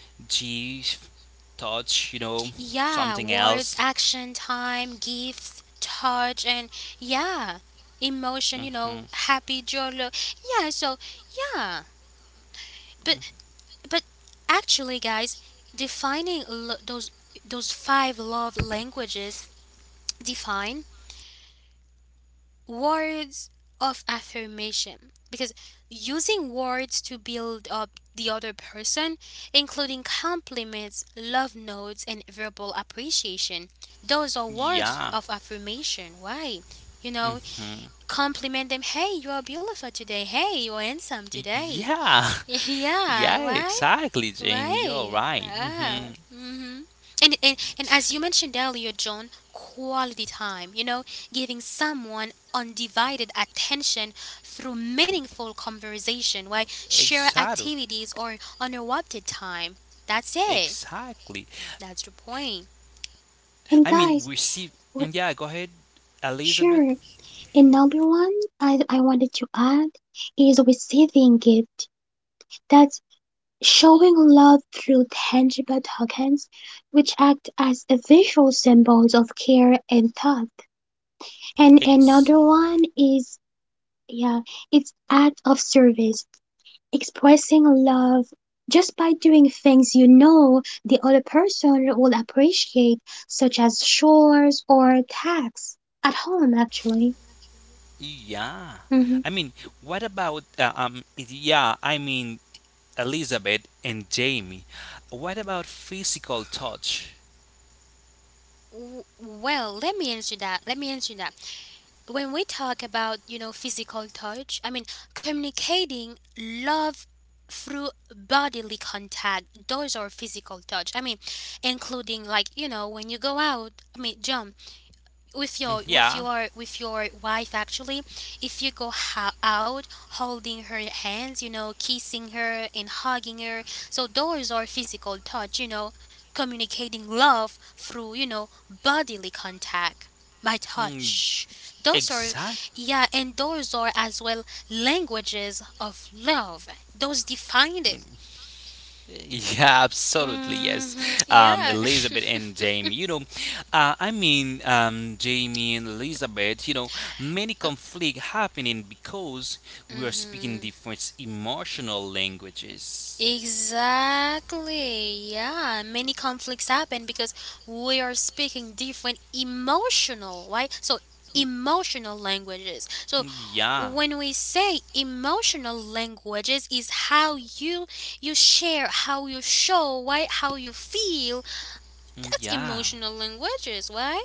Speaker 2: touch, you know,
Speaker 1: Yeah,
Speaker 2: something
Speaker 1: words,
Speaker 2: else.
Speaker 1: action, time, gifts, touch, and yeah, emotion.
Speaker 2: hmm
Speaker 1: Happy, joy, yeah. So yeah. But But actually, guys, defining lo- those those five love languages define words of affirmation, because using words to build up the other person, including compliments, love notes, and verbal appreciation, those are words of
Speaker 2: Yeah.
Speaker 1: affirmation. Why? You know,
Speaker 2: hmm
Speaker 1: Compliment them. Hey, you are beautiful today. Hey, you are handsome today.
Speaker 2: Yeah.
Speaker 1: Yeah,
Speaker 2: Yeah,
Speaker 1: why?
Speaker 2: exactly, Jamie. You're
Speaker 1: Right.
Speaker 2: right.
Speaker 1: Ah. Mm. Mhm. And as you mentioned earlier, John, quality time. Giving someone undivided attention through meaningful conversation, right? Share
Speaker 2: Exactly.
Speaker 1: activities or uninterrupted time. That's it.
Speaker 2: Exactly.
Speaker 1: That's the point.
Speaker 3: And
Speaker 2: I
Speaker 3: guys,
Speaker 2: mean, we see.
Speaker 3: w-
Speaker 2: Yeah, go ahead,
Speaker 3: sure.
Speaker 2: Elizabeth.
Speaker 3: And number one, I wanted to add is receiving gift. That's showing love through tangible tokens, which act as a visual symbols of care and thought. And another
Speaker 2: Ex.
Speaker 3: one is, yeah, it's act of service, expressing love just by doing things you know the other person will appreciate, such as chores or tasks at home, actually.
Speaker 2: Yeah.
Speaker 3: hmm
Speaker 2: I mean, what about. Yeah, I mean, Elizabeth and Jamie. What about physical touch?
Speaker 1: Well, let me answer that. Let me answer that. When we talk about, physical touch, I mean communicating love through bodily contact, those are physical touch. I mean, including, like, when you go out, I mean, John, with
Speaker 2: Mm,
Speaker 1: your with
Speaker 2: yeah.
Speaker 1: your with your wife, actually, if you go out holding her hands, kissing her and hugging her. So those are physical touch, communicating love through, bodily contact, by
Speaker 2: Mm,
Speaker 1: touch. Those are,
Speaker 2: exact.
Speaker 1: yeah, and those are as well languages of love. Those define it.
Speaker 2: Yeah, absolutely, yes.
Speaker 1: Hmm. Yeah.
Speaker 2: Elizabeth and Jamie, you know, I mean, Jamie and Elizabeth, you know, many conflict happening because we are speaking
Speaker 1: Hmm.
Speaker 2: different emotional languages.
Speaker 1: Exactly. Yeah, many conflicts happen because we are speaking different emotional, right? So, emotional languages. So
Speaker 2: Yeah,
Speaker 1: when we say emotional languages is how you share, how you show, right? How you feel. That's
Speaker 2: yeah,
Speaker 1: emotional languages, right?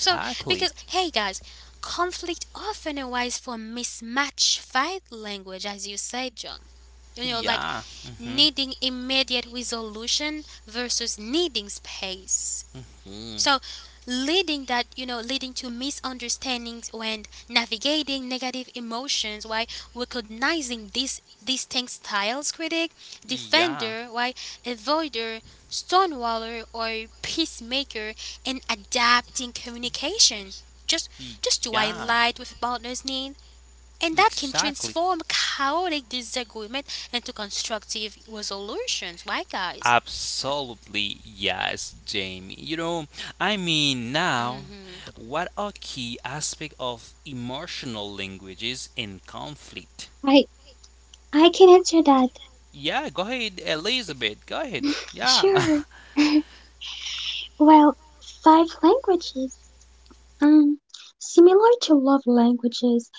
Speaker 1: So because hey guys, conflict often arises from mismatch fight language, as you said, John, like
Speaker 2: Yeah, mm-hmm.
Speaker 1: needing immediate resolution versus needing space.
Speaker 2: Mm,
Speaker 1: So, leading that, you know, leading to misunderstandings when navigating negative emotions. Why? Recognizing these distinct styles: critic,
Speaker 2: yeah,
Speaker 1: defender, why, avoider, stonewaller, or peacemaker, and adapting communication. Just just to
Speaker 2: yeah,
Speaker 1: highlight with partner's need, and that can
Speaker 2: exactly.
Speaker 1: transform chaotic disagreement into constructive resolutions, right, guys?
Speaker 2: Absolutely yes, Jamie. You know, I mean now
Speaker 1: hmm
Speaker 2: what are key aspect of emotional languages in conflict?
Speaker 3: I I can answer that.
Speaker 2: Yeah, go ahead, Elizabeth. Go ahead. Yeah.
Speaker 3: Sure. Well, five languages. Um, Similar to love languages,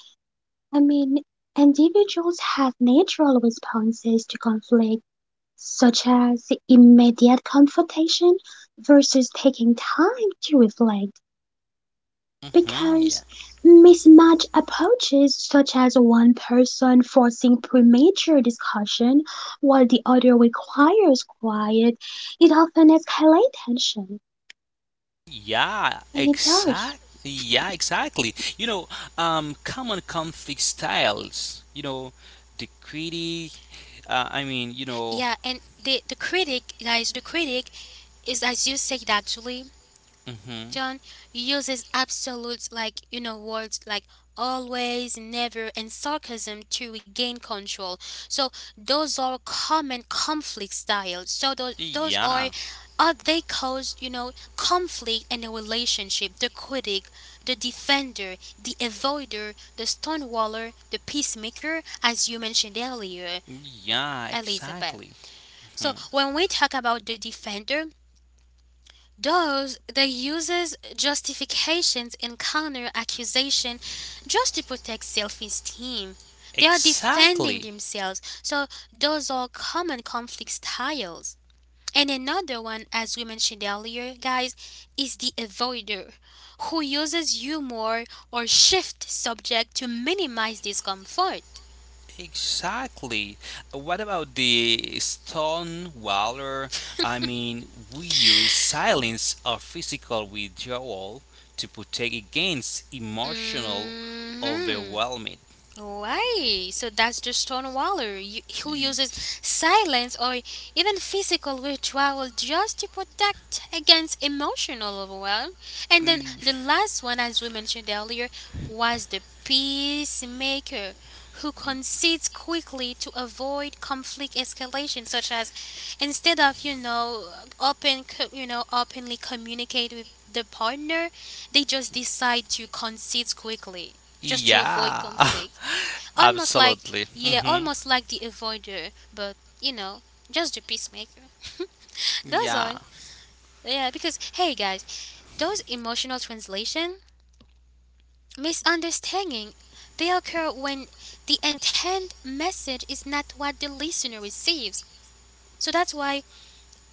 Speaker 3: I mean, individuals have natural responses to conflict such as immediate confrontation versus taking time to reflect
Speaker 2: yeah.
Speaker 3: because mismatched approaches such as one person forcing premature discussion while the other requires quiet, it often escalates tension,
Speaker 2: Yeah,
Speaker 3: and it does.
Speaker 2: exactly. Yeah, exactly. You know, common conflict styles. You know, the critic. Uh, I mean, you know.
Speaker 1: Yeah, and the critic, guys, the critic is, as you said, actually,
Speaker 2: hmm
Speaker 1: John, uses absolutes, like, you know, words like always, never, and sarcasm to regain control. So those are common conflict styles. So those are,
Speaker 2: Yeah.
Speaker 1: they cause, you know, conflict in a relationship: the critic, the defender, the avoider, the stonewaller, the peacemaker, as you mentioned earlier,
Speaker 2: Yeah,
Speaker 1: Elizabeth.
Speaker 2: exactly.
Speaker 1: So
Speaker 2: Hmm.
Speaker 1: when we talk about the defender, those they uses justifications and counter accusation just to protect self-esteem. They are defending
Speaker 2: Exactly.
Speaker 1: themselves. So those are common conflict styles. And another one, as we mentioned earlier, guys, is the avoider, who uses humor or shift subject to minimize discomfort.
Speaker 2: Exactly. What about the stone waller? I mean, we use silence or physical withdrawal to protect against emotional
Speaker 1: hmm
Speaker 2: overwhelming.
Speaker 1: Why? So that's just Stone Waller, you, who
Speaker 2: Y-
Speaker 1: uses silence or even physical withdrawal just to protect against emotional overwhelm. And then
Speaker 2: y-
Speaker 1: the last one, as we mentioned earlier, was the peacemaker, who concedes quickly to avoid conflict escalation, such as, instead of openly communicate with the partner, they just decide to concede quickly just to avoid
Speaker 2: Yeah,
Speaker 1: conflict. Almost like,
Speaker 2: absolutely.
Speaker 1: yeah, almost like the avoider, but you know, just the peacemaker. That's
Speaker 2: Yeah,
Speaker 1: all. Yeah, because hey guys, those emotional translation misunderstanding they occur when the intent message is not what the listener receives. So that's why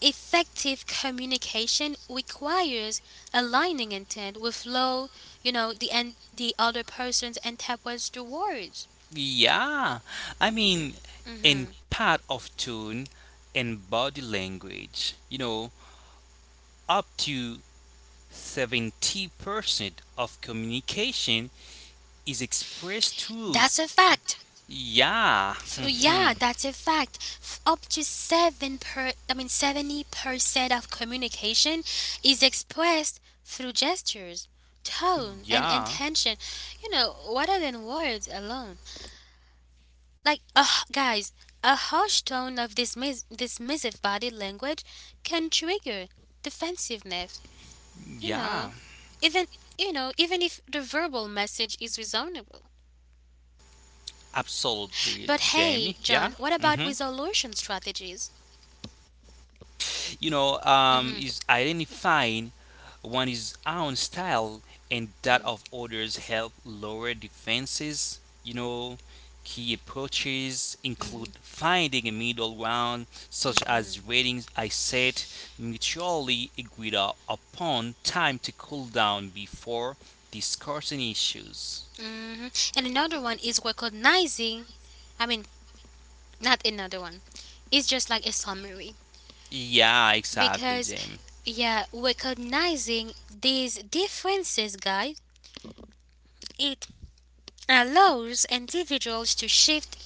Speaker 1: effective communication requires aligning intent with flow, you know, the and the other person's interprets the words.
Speaker 2: yeah. I mean, in
Speaker 1: hmm
Speaker 2: part of tune and body language, you know, up to 70% of communication is expressed through
Speaker 1: That's a fact.
Speaker 2: yeah,
Speaker 1: Yeah, that's a fact. Up to seven per, I mean 70% of communication is expressed through gestures, tone, and
Speaker 2: yeah,
Speaker 1: intention. Rather than words alone. Like, guys, a harsh tone of dismissive body language can trigger defensiveness. You know,
Speaker 2: yeah,
Speaker 1: even even if the verbal message is reasonable. But hey,
Speaker 2: absolutely,
Speaker 1: John, what
Speaker 2: Jamie.
Speaker 1: about
Speaker 2: Yeah. Mhm.
Speaker 1: resolution strategies?
Speaker 2: You know,
Speaker 1: Hmm.
Speaker 2: is identifying one's own style and that of others help lower defenses. You know, key approaches include
Speaker 1: Mhm.
Speaker 2: finding a middle ground, such as
Speaker 1: Mhm.
Speaker 2: ratings I set mutually agreed upon, time to cool down before discussing issues.
Speaker 1: Mhm. And another one is recognizing, I mean, not another one. It's just like a summary
Speaker 2: Yeah, exactly,
Speaker 1: because
Speaker 2: James.
Speaker 1: yeah, recognizing these differences, guys, it allows individuals to shift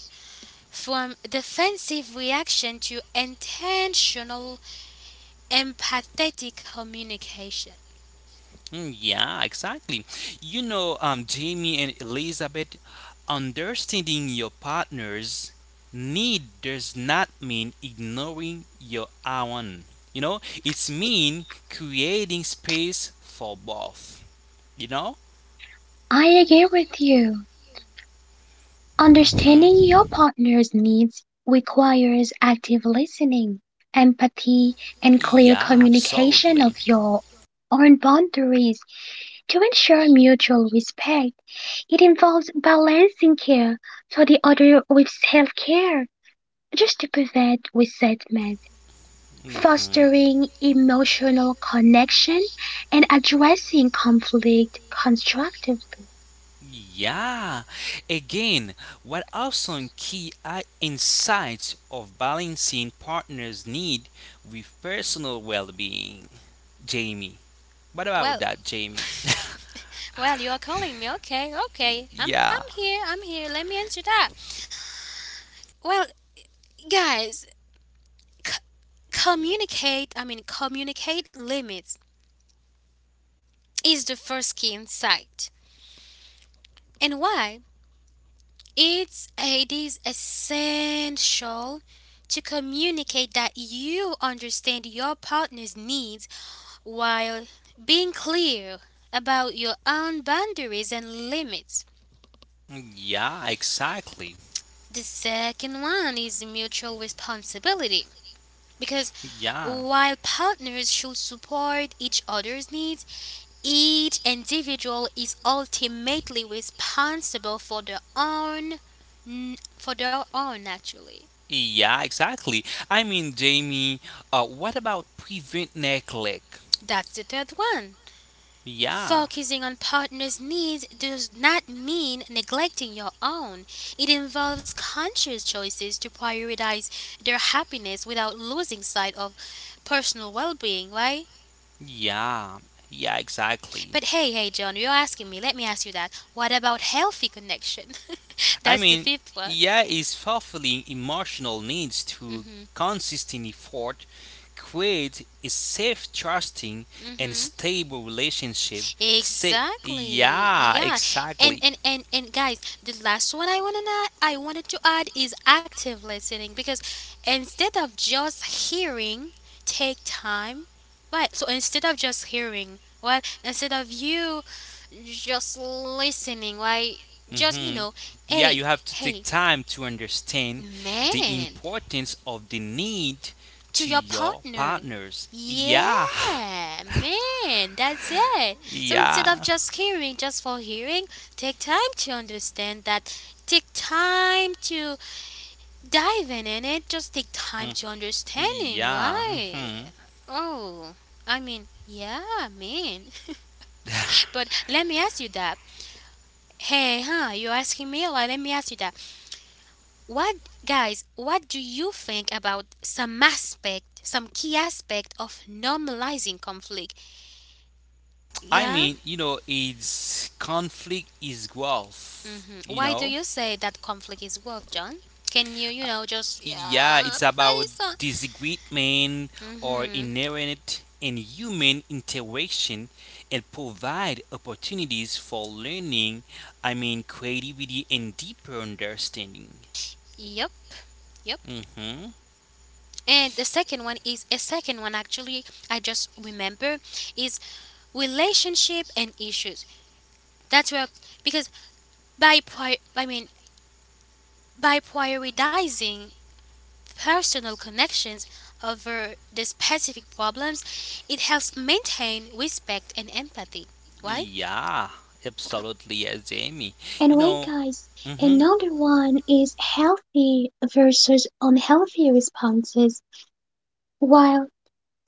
Speaker 1: from defensive reaction to intentional empathetic communication.
Speaker 2: Mm, yeah, exactly. You know, Jamie and Elizabeth, understanding your partner's need does not mean ignoring your own. You know, it's mean creating space for both. You know?
Speaker 3: I agree with you. Understanding
Speaker 2: hmm
Speaker 3: your partner's needs requires active listening, empathy, and clear
Speaker 2: Yeah,
Speaker 3: communication of
Speaker 2: absolutely.
Speaker 3: your own boundaries to ensure mutual respect. It involves balancing care for the other with self care just to prevent resentment,
Speaker 2: hmm
Speaker 3: fostering emotional connection, and addressing conflict constructively.
Speaker 2: Yeah. Again, what are some key insights of balancing partners' need with personal well-being? Jamie. What
Speaker 1: Well,
Speaker 2: about that, Jamie?
Speaker 1: well, you're calling me. Okay, okay. I'm
Speaker 2: Yeah.
Speaker 1: I'm here. I'm here. Let me answer that. Well, guys c- communicate communicate limits is the first key insight. And why it is essential to communicate that you understand your partner's needs while being clear about your own boundaries and limits.
Speaker 2: Yeah, exactly.
Speaker 1: The second one is mutual responsibility because
Speaker 2: Yeah.
Speaker 1: while partners should support each other's needs. Each individual is ultimately responsible for their own, for their own actually.
Speaker 2: Yeah, exactly. I mean, Jamie, what about prevent neglect?
Speaker 1: That's the third one.
Speaker 2: Yeah.
Speaker 1: Focusing on partners' needs does not mean neglecting your own. It involves conscious choices to prioritize their happiness without losing sight of personal well being, right?
Speaker 2: Yeah. Yeah, exactly.
Speaker 1: But hey, hey, John, you're asking me. Let me ask you that. What about healthy connection?
Speaker 2: I
Speaker 1: That's the
Speaker 2: mean,
Speaker 1: fifth one.
Speaker 2: yeah, is fulfilling emotional needs to consistent effort create a safe, trusting, and
Speaker 1: Hmm
Speaker 2: stable relationship. Say,
Speaker 1: Exactly.
Speaker 2: yeah,
Speaker 1: Yeah. And
Speaker 2: exactly.
Speaker 1: and and and guys, the last one I I wanted to add is active listening because instead of just hearing, take time. Right. So instead of just hearing, well, instead of you just listening, right? Just
Speaker 2: hmm Yeah, you
Speaker 1: hey,
Speaker 2: have to take
Speaker 1: hey,
Speaker 2: time to understand the
Speaker 1: man.
Speaker 2: importance of the need
Speaker 1: To
Speaker 2: to
Speaker 1: your
Speaker 2: your
Speaker 1: partner.
Speaker 2: partners.
Speaker 1: Yeah,
Speaker 2: Yeah,
Speaker 1: man, that's it. So instead of
Speaker 2: yeah,
Speaker 1: just hearing just for hearing, take time to understand that. Take time to dive in it. Just take time to understanding,
Speaker 2: yeah.
Speaker 1: right?
Speaker 2: hmm
Speaker 1: Oh, I mean, yeah, man. But let me ask you that. Hey, huh? You're asking me? Like, let me ask you that. What guys, what do you think about some aspect, some key aspect of normalizing conflict?
Speaker 2: I
Speaker 1: Yeah?
Speaker 2: mean, you know, it's conflict is growth,
Speaker 1: hmm
Speaker 2: you
Speaker 1: Why do
Speaker 2: know.
Speaker 1: you say that conflict is worth, John? Can you, you know, just
Speaker 2: Yeah,
Speaker 1: yeah,
Speaker 2: it's
Speaker 1: provide it
Speaker 2: about
Speaker 1: some?
Speaker 2: disagreement or
Speaker 1: Mm-hmm.
Speaker 2: inherent in human interaction and provide opportunities for learning, I mean, creativity and deeper understanding.
Speaker 1: Yep. Yep.
Speaker 2: hmm
Speaker 1: And the second one is a second one actually I just remember is relationship and issues. That's where because by prior I mean by prioritizing personal connections over the specific problems, it helps maintain respect and empathy. Why?
Speaker 2: Yeah, absolutely, yes, Jamie. You
Speaker 3: And wait,
Speaker 2: know,
Speaker 3: guys,
Speaker 2: hmm
Speaker 3: another one is healthy versus unhealthy responses. While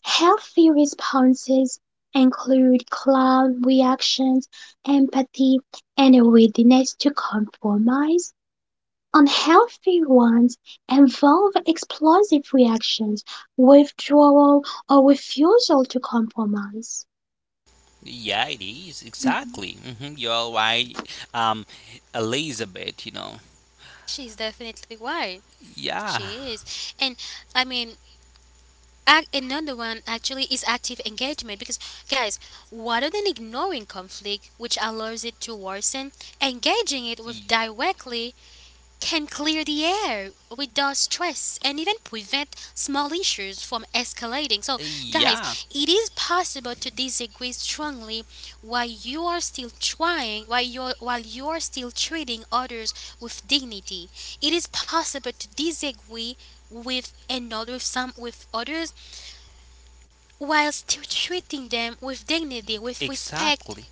Speaker 3: healthy responses include calm reactions, empathy, and a willingness to compromise, unhealthy ones involve explosive reactions, withdrawal, or refusal to compromise.
Speaker 2: yeah, it is,
Speaker 3: Mhm.
Speaker 2: exactly. You're right, um, Elizabeth, you know.
Speaker 1: She's definitely why.
Speaker 2: Yeah.
Speaker 1: She is. And I mean, another one actually is active engagement because, guys, rather than ignoring conflict, which allows it to worsen, engaging it with directly can clear the air without stress and even prevent small issues from escalating. So,
Speaker 2: Yeah,
Speaker 1: guys, it is possible to disagree strongly while you are still trying, while you are still treating others with dignity. It is possible to disagree with another with some with others while still treating them with dignity, with respect.
Speaker 2: exactly.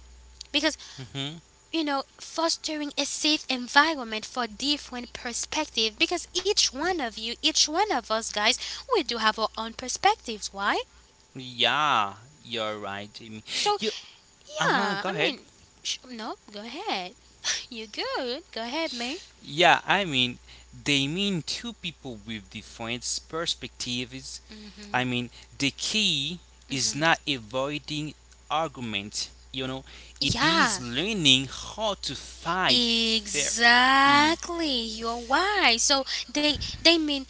Speaker 1: Because
Speaker 2: hmm
Speaker 1: you know, fostering a safe environment for different perspective because each one of you, each one of us guys, we do have our own perspectives. Why?
Speaker 2: Yeah, you're right, Jamie.
Speaker 1: So,
Speaker 2: You, uh huh,
Speaker 1: yeah,
Speaker 2: go
Speaker 1: I
Speaker 2: ahead.
Speaker 1: mean, no, go ahead. you good. Go ahead, man.
Speaker 2: Yeah, I mean, they mean two people with different perspectives. I
Speaker 1: Hmm
Speaker 2: mean, the key is
Speaker 1: hmm
Speaker 2: not avoiding argument, you know, it is
Speaker 1: Yeah.
Speaker 2: learning how to fight fair. E-
Speaker 1: Exactly. You're right. So they mean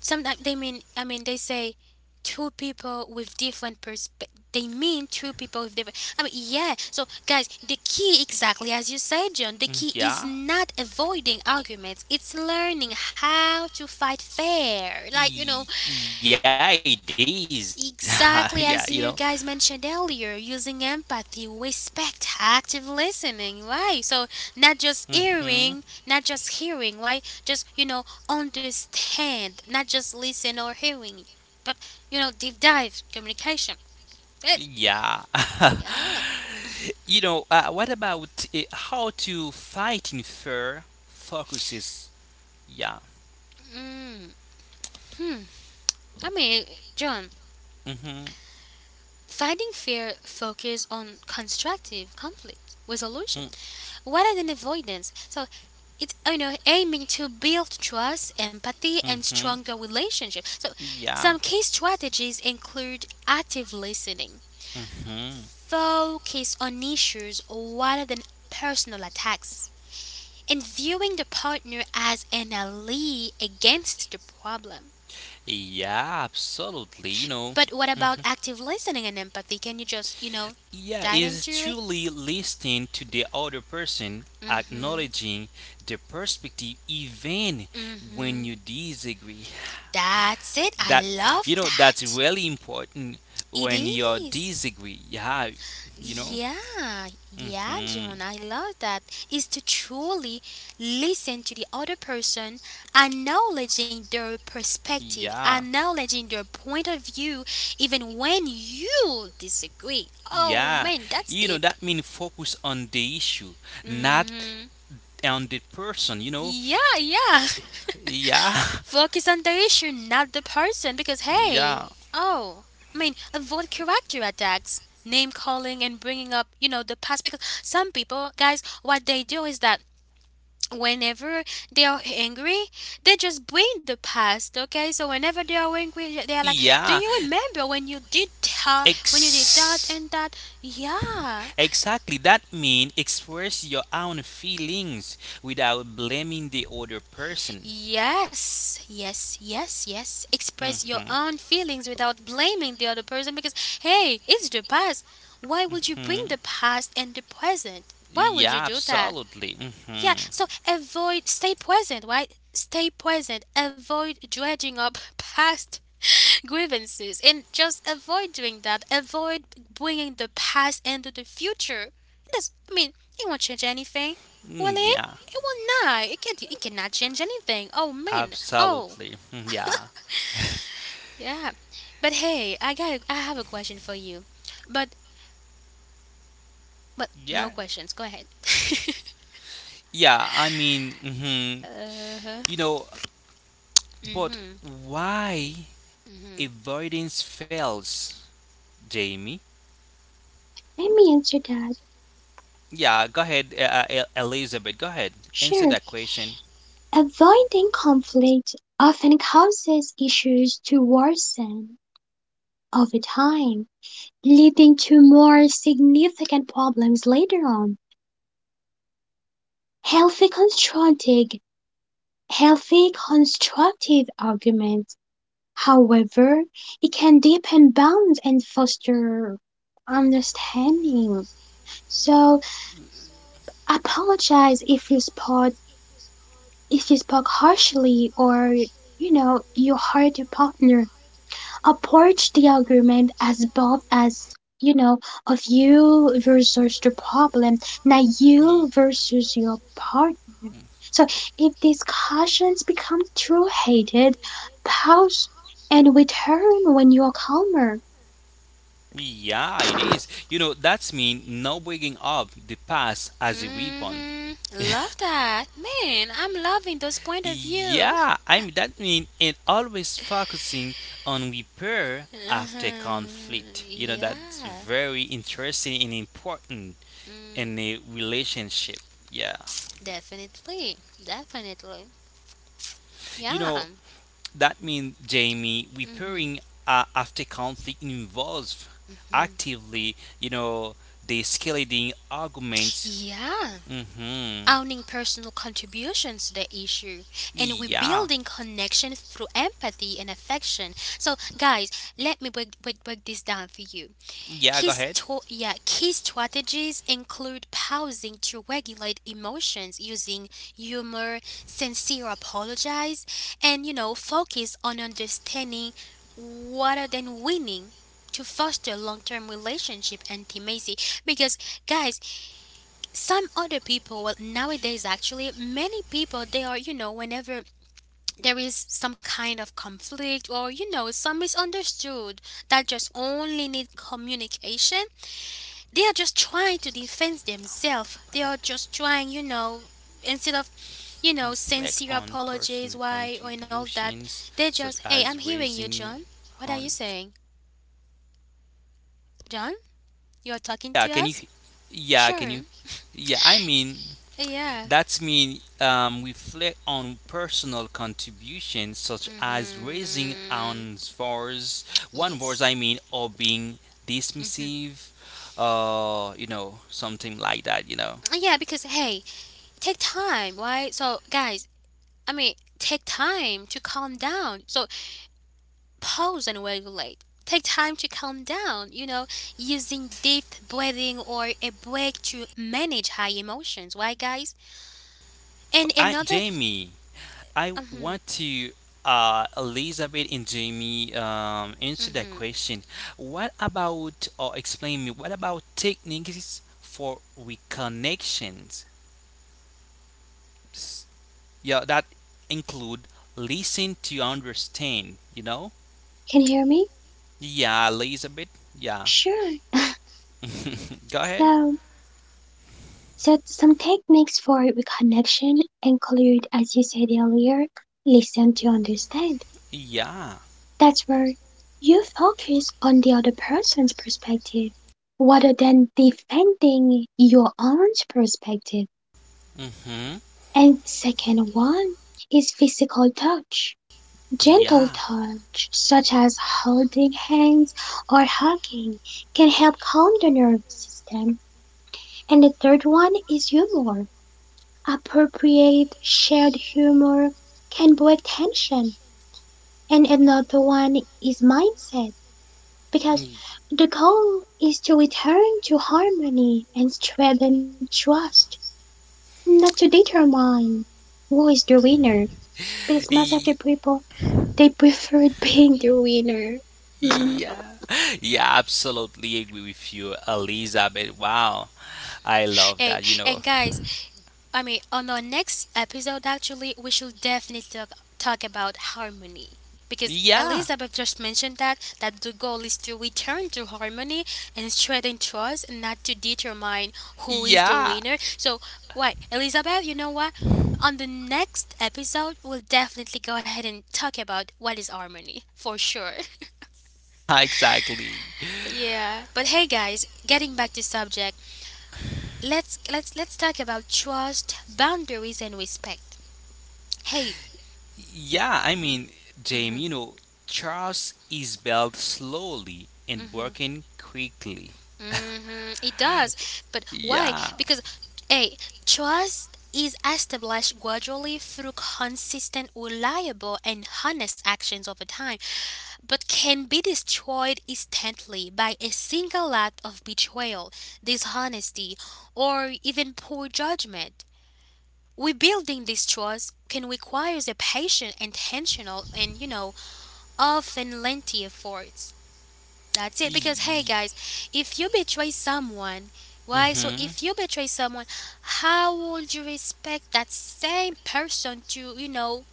Speaker 1: sometimes they mean I mean they say two people with different perspective. They mean two people with different. I mean yeah. So guys, the key exactly as you said, John. The
Speaker 2: mm,
Speaker 1: key is
Speaker 2: yeah.
Speaker 1: not avoiding arguments. It's learning how to fight fair. Like you know,
Speaker 2: Yeah, it is. yeah, you know.
Speaker 1: exactly as you guys mentioned earlier, using empathy, respect, active listening, right? So
Speaker 2: hmm
Speaker 1: not just hearing, right? Just you know, understand, not just listen or hearing, but you know, deep dive communication. Eh,
Speaker 2: Yeah.
Speaker 1: yeah.
Speaker 2: You know, what about how to fight in fair focuses? Yeah.
Speaker 1: Mm. Hmm. I mean, John,
Speaker 2: Mm-hmm.
Speaker 1: fighting fear focus on constructive conflict resolution, rather than avoidance. So it's you know aiming to build trust, empathy, and stronger
Speaker 2: Mm-hmm.
Speaker 1: relationship. So
Speaker 2: Yeah.
Speaker 1: some key strategies include active listening,
Speaker 2: Mm-hmm.
Speaker 1: focus on issues rather than personal attacks, and viewing the partner as an ally against the problem.
Speaker 2: Yeah, absolutely. You know.
Speaker 1: But what about
Speaker 2: Mm-hmm.
Speaker 1: active listening and empathy? Can you just you know
Speaker 2: Yeah,
Speaker 1: dive
Speaker 2: is
Speaker 1: into it?
Speaker 2: truly listening to the other person,
Speaker 1: Mm-hmm.
Speaker 2: acknowledging the perspective even when
Speaker 1: Mm-hmm.
Speaker 2: you disagree.
Speaker 1: That's it. I
Speaker 2: That You
Speaker 1: love
Speaker 2: know, that's
Speaker 1: that.
Speaker 2: really important
Speaker 1: It
Speaker 2: when you
Speaker 1: is.
Speaker 2: disagree. Yeah, you know.
Speaker 1: Yeah, yeah,
Speaker 2: hmm
Speaker 1: John, I love that. Is to truly listen to the other person, acknowledging their perspective,
Speaker 2: Yeah,
Speaker 1: acknowledging their point of view, even when you disagree. Oh
Speaker 2: yeah.
Speaker 1: man, that's
Speaker 2: You know,
Speaker 1: deep.
Speaker 2: that means focus on the issue, not
Speaker 1: Mm-hmm.
Speaker 2: on the person. You know.
Speaker 1: Yeah, yeah.
Speaker 2: Yeah,
Speaker 1: Focus on the issue, not the person, because
Speaker 2: yeah,
Speaker 1: hey, oh, I mean, avoid character attacks, name calling, and bringing up, you know, the past. Because some people, guys, what they do is that whenever they are angry, they just bring the past. Okay, so whenever they are angry, they are like, "Do
Speaker 2: yeah.
Speaker 1: you remember when you did that? When you did that
Speaker 2: Ex.
Speaker 1: and that?" Yeah,
Speaker 2: Exactly, that means express your own feelings without blaming the other person.
Speaker 1: yes, yes, yes, yes. Express your
Speaker 2: Mhm,
Speaker 1: own feelings without blaming the other person because, hey, it's the past. Why would you bring
Speaker 2: mhm.
Speaker 1: the past and the present? Why would you
Speaker 2: Yeah,
Speaker 1: do that?
Speaker 2: absolutely.
Speaker 1: Yeah,
Speaker 2: Mhm.
Speaker 1: so avoid, stay present, right? Stay present. Avoid dredging up past grievances and just avoid doing that. Avoid bringing the past into the future. It does, I mean, it won't change anything, will
Speaker 2: Mm,
Speaker 1: it?
Speaker 2: yeah,
Speaker 1: It will not. It can. It cannot change anything. Oh man. Oh
Speaker 2: absolutely. Mm, yeah,
Speaker 1: yeah. But hey, I got. I have a question for you. But but no
Speaker 2: yeah,
Speaker 1: questions. Go ahead.
Speaker 2: yeah.
Speaker 1: uh huh.
Speaker 2: You know, but
Speaker 1: Mhm.
Speaker 2: why
Speaker 1: Mhm.
Speaker 2: avoidance fails, Jamie?
Speaker 3: Let me answer that.
Speaker 2: Yeah, go ahead, Elizabeth. Go ahead, answer
Speaker 3: Sure.
Speaker 2: that question.
Speaker 3: Avoiding conflict often causes issues to worsen over time, leading to more significant problems later on. Healthy constructive, healthy constructive arguments, however, it can deepen bonds and foster understanding. So apologize if you spoke harshly or you know you hurt your partner, approach the argument as both as you know of you versus the problem, not
Speaker 2: Y-
Speaker 3: you versus your partner. So if discussions become too heated, pause and return when you are calmer.
Speaker 2: Yeah, it is. You know, that's mean not bringing up the past as a weapon.
Speaker 1: Mm-hmm. Love that. Man, I'm loving those point of view.
Speaker 2: Yeah, that means and always focusing on repair after
Speaker 1: Uh-huh.
Speaker 2: conflict. You know, that's
Speaker 1: Yeah.
Speaker 2: very interesting and important in
Speaker 1: Mm,
Speaker 2: a relationship. Yeah.
Speaker 1: definitely. Definitely.
Speaker 2: You
Speaker 1: Yeah.
Speaker 2: know, that means, Jamie,
Speaker 1: Mm-hmm.
Speaker 2: repairing after conflict involves actively, you know, the escalating arguments.
Speaker 1: Yeah.
Speaker 2: Mm-hmm.
Speaker 1: Owning personal contributions to the issue. And we're
Speaker 2: Yeah.
Speaker 1: building connection through empathy and affection. So, guys, let me break this down for you.
Speaker 2: Yeah, go ahead.
Speaker 1: Key strategies include pausing to regulate emotions using humor, sincere apologize, and you know, focus on understanding rather than winning to foster long-term relationship intimacy because guys some other people well nowadays actually many people they are you know whenever there is some kind of conflict or you know some misunderstood that just only need communication they are just trying to defend themselves. They
Speaker 2: But
Speaker 1: are just trying, you know, instead of, you know,
Speaker 2: reflect
Speaker 1: sincere
Speaker 2: on personal
Speaker 1: apologies, why, or and all that,
Speaker 2: contributions
Speaker 1: they
Speaker 2: such
Speaker 1: just, hey,
Speaker 2: as
Speaker 1: I'm hearing you,
Speaker 2: raising
Speaker 1: John. What
Speaker 2: on.
Speaker 1: are you saying? John, you are talking
Speaker 2: Yeah,
Speaker 1: to
Speaker 2: can you?
Speaker 1: us?
Speaker 2: Yeah, can
Speaker 1: Sure.
Speaker 2: you? Yeah,
Speaker 1: Yeah.
Speaker 2: that means reflect on personal contributions such as raising
Speaker 1: Mm-hmm.
Speaker 2: on voice, one voice
Speaker 1: Yes.
Speaker 2: I mean, or being
Speaker 1: Mm-hmm.
Speaker 2: dismissive, you know, something like that. You know,
Speaker 1: Yeah, because, hey, take time, right? So, guys, I mean, take time to calm down. So, pause and regulate. Take time to calm down, you know, using deep breathing or a break to manage high emotions. Why, guys?
Speaker 2: F-
Speaker 1: And
Speaker 2: I
Speaker 1: another.
Speaker 2: Jamie, I want
Speaker 1: Mhm,
Speaker 2: to Elizabeth and Jamie answer that
Speaker 1: mhm.
Speaker 2: question. What about or explain me? What about techniques for reconnections?
Speaker 3: Techniques for
Speaker 2: Yeah, that include listen to understand, you know.
Speaker 3: Can you hear me?
Speaker 2: Yeah, Elizabeth, yeah.
Speaker 3: Sure.
Speaker 2: Go ahead,
Speaker 3: So some techniques for reconnection include, as you said earlier, listen to understand.
Speaker 2: yeah,
Speaker 3: That's where you focus on the other person's perspective rather than defending your own perspective.
Speaker 2: mm-hmm,
Speaker 3: And second one is physical touch. Gentle
Speaker 2: yeah.
Speaker 3: touch, such as holding hands or hugging, can help calm the nervous system. And the third one is humor. Appropriate shared humor can break tension. And another one is mindset. Because
Speaker 2: Mm.
Speaker 3: the goal is to return to harmony and strengthen trust, not to determine who is the winner. Because most of the
Speaker 2: Y-
Speaker 3: people they preferred being the winner. Mm,
Speaker 2: yeah, yeah, absolutely agree with you, Elizabeth. Wow, I love
Speaker 1: Hey,
Speaker 2: that, you know.
Speaker 1: and guys, I mean, on our next episode, actually, we should definitely talk about harmony because
Speaker 2: Yeah,
Speaker 1: Elizabeth just mentioned that the goal is to return to harmony and strengthen trust, and not to determine who is the
Speaker 2: yeah,
Speaker 1: winner. So, why, Elizabeth? You know what? On the next episode, we'll definitely go ahead and talk about what is harmony for sure.
Speaker 2: exactly.
Speaker 1: yeah. But hey, guys, getting back to subject, let's talk about trust, boundaries, and respect. Hey,
Speaker 2: Yeah, I mean, James, you know, trust is built slowly and working quickly.
Speaker 1: hmm it does, but why?
Speaker 2: Yeah.
Speaker 1: Because hey, trust is established gradually through consistent, reliable, and honest actions over time, but can be destroyed instantly by a single act of betrayal, dishonesty, or even poor judgment. Rebuilding this trust can require a patient, intentional, and you know, often, and lengthy efforts. That's it.
Speaker 2: Y-
Speaker 1: Because hey
Speaker 2: y-
Speaker 1: guys, if you betray someone, why? So
Speaker 2: Mhm.
Speaker 1: if you betray someone, how would you respect that same person to you know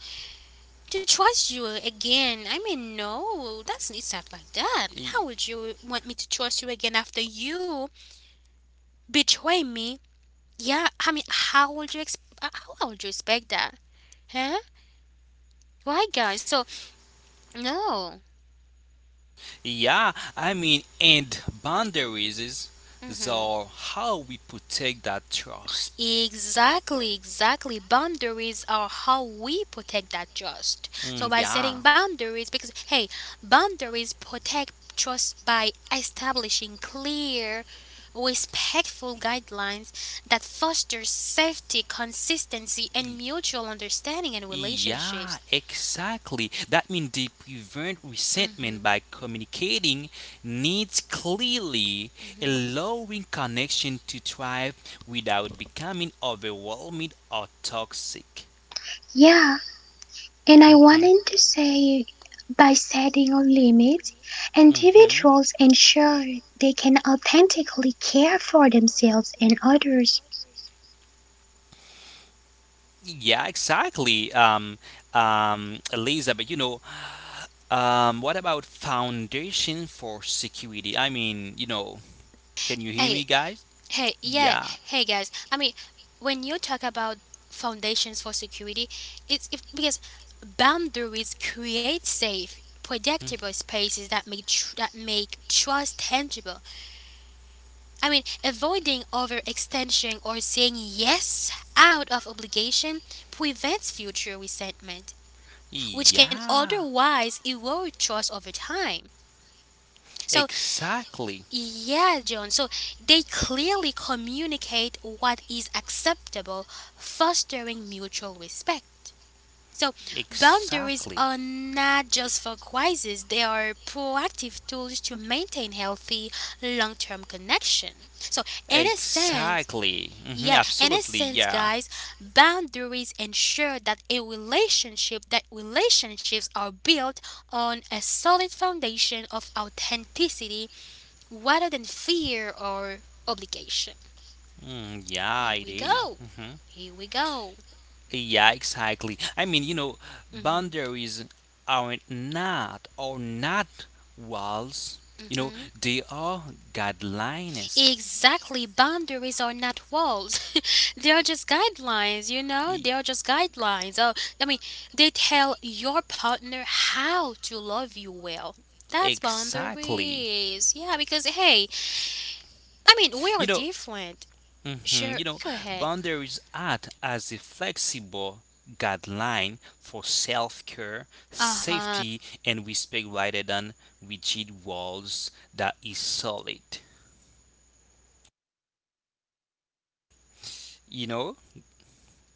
Speaker 1: to trust you again? I mean, no, that's it's not like that.
Speaker 2: Y-
Speaker 1: How would you want me to trust you again after you betray me? Yeah, I mean, how would you expect that? Huh? Why, guys? So no.
Speaker 2: Yeah, I mean, and boundaries is
Speaker 1: Mhm.
Speaker 2: so how we protect that trust.
Speaker 1: Exactly, exactly. Boundaries are how we protect that trust. So
Speaker 2: Mm,
Speaker 1: by
Speaker 2: yeah.
Speaker 1: setting boundaries, because hey, boundaries protect trust by establishing clear, respectful guidelines that foster safety, consistency, and
Speaker 2: E-
Speaker 1: mutual understanding in
Speaker 2: Yeah,
Speaker 1: relationships.
Speaker 2: exactly. That means they prevent
Speaker 1: Mm-hmm,
Speaker 2: resentment by communicating needs clearly,
Speaker 1: mm-hmm.
Speaker 2: allowing connection to thrive without becoming overwhelming or toxic.
Speaker 3: yeah, and I
Speaker 2: hmm
Speaker 3: wanted to say by setting a limit,
Speaker 2: hmm
Speaker 3: individuals ensure they can authentically care for themselves and others.
Speaker 2: Yeah, exactly. Elizabeth, you know, what about foundation for security? I mean, you know, can you hear
Speaker 1: Hey,
Speaker 2: me, guys?
Speaker 1: hey, yeah,
Speaker 2: Yeah,
Speaker 1: hey guys. I mean, when you talk about foundations for security, it's if, because boundaries create safe, predictable spaces that make trust tangible. I mean, avoiding overextension or saying yes out of obligation prevents future resentment, which can
Speaker 2: yeah,
Speaker 1: otherwise erode trust over time. So
Speaker 2: exactly,
Speaker 1: yeah, John. So they clearly communicate what is acceptable, fostering mutual respect. So boundaries
Speaker 2: exactly,
Speaker 1: are not just for crises, they are proactive tools to maintain healthy long-term connection. So in a sense,
Speaker 2: exactly.
Speaker 1: yeah, in a
Speaker 2: Absolutely,
Speaker 1: sense,
Speaker 2: yeah.
Speaker 1: guys, boundaries ensure that a relationship that relationships are built on a solid foundation of authenticity rather than fear or obligation.
Speaker 2: Mm, yeah,
Speaker 1: Here
Speaker 2: it
Speaker 1: we
Speaker 2: is.
Speaker 1: go.
Speaker 2: Mhm.
Speaker 1: Here we go.
Speaker 2: Yeah, exactly.
Speaker 1: Hmm
Speaker 2: Boundaries aren't, not or not, walls. You know,
Speaker 1: hmm
Speaker 2: they are guidelines.
Speaker 1: Exactly. Boundaries are not walls. They are just guidelines, you know? They
Speaker 2: E-
Speaker 1: are just guidelines. Oh, I mean, they tell your partner how to love you well. That's
Speaker 2: Exactly.
Speaker 1: boundaries. Yeah, because hey, I mean, we are
Speaker 2: You know,
Speaker 1: different.
Speaker 2: mhm, you
Speaker 1: Sure,
Speaker 2: know,
Speaker 1: go ahead.
Speaker 2: boundaries act as a flexible guideline for self-care,
Speaker 1: Uh huh.
Speaker 2: safety, and respect rather than rigid walls that is solid. You know,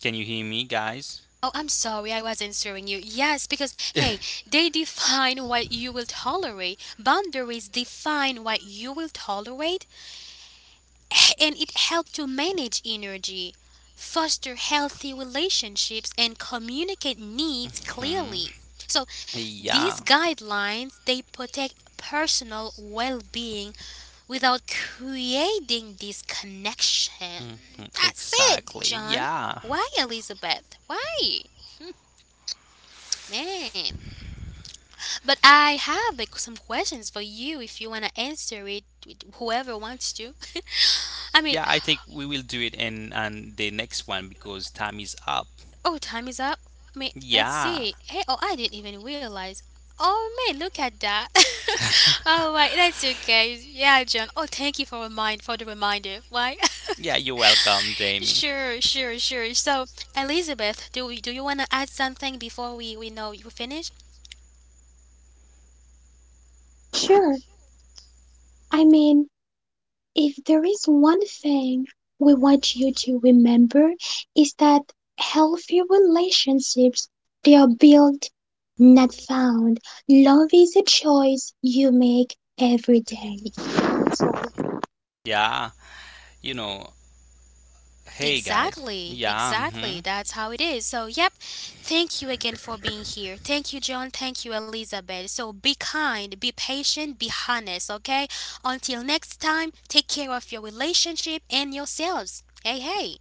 Speaker 2: can you hear me, guys?
Speaker 1: Oh, I'm sorry, I was answering you. Yes, because hey, they define what you will tolerate. Boundaries define what you will tolerate, and it helps to manage energy, foster healthy relationships, and communicate needs
Speaker 2: Hmm,
Speaker 1: clearly. So, these
Speaker 2: yeah.
Speaker 1: guidelines they protect personal well-being without creating disconnection.
Speaker 2: hmm
Speaker 1: That's it,
Speaker 2: Exactly.
Speaker 1: John.
Speaker 2: Yeah.
Speaker 1: Why, Elizabeth? Why? Man. But I have like, some questions for you if you want to answer it, with whoever wants to. I mean,
Speaker 2: Yeah, I think we will do it in on the next one because time is up.
Speaker 1: oh, time is up. I mean, let's
Speaker 2: Yeah.
Speaker 1: see. Hey, oh, I didn't even realize. Oh, man, look at that. Oh, right, that's okay. Yeah, John. Oh, thank you for remind for the reminder. Why?
Speaker 2: Yeah, you're welcome, Jamie.
Speaker 1: sure, sure, sure. So, Elizabeth, do you want to add something before we know you finish?
Speaker 3: Sure, I mean, if there is one thing we want you to remember is that healthy relationships they are built, not found. Love is a choice you make every day. So
Speaker 2: Yeah. You know, hey guys.
Speaker 1: Exactly,
Speaker 2: Yeah. hmm
Speaker 1: exactly. That's how it is. So, yep. Thank you again for being here. Thank you, John. Thank you, Elizabeth. So, be kind, be patient, be honest, okay? Until next time, take care of your relationship and yourselves. Hey, hey.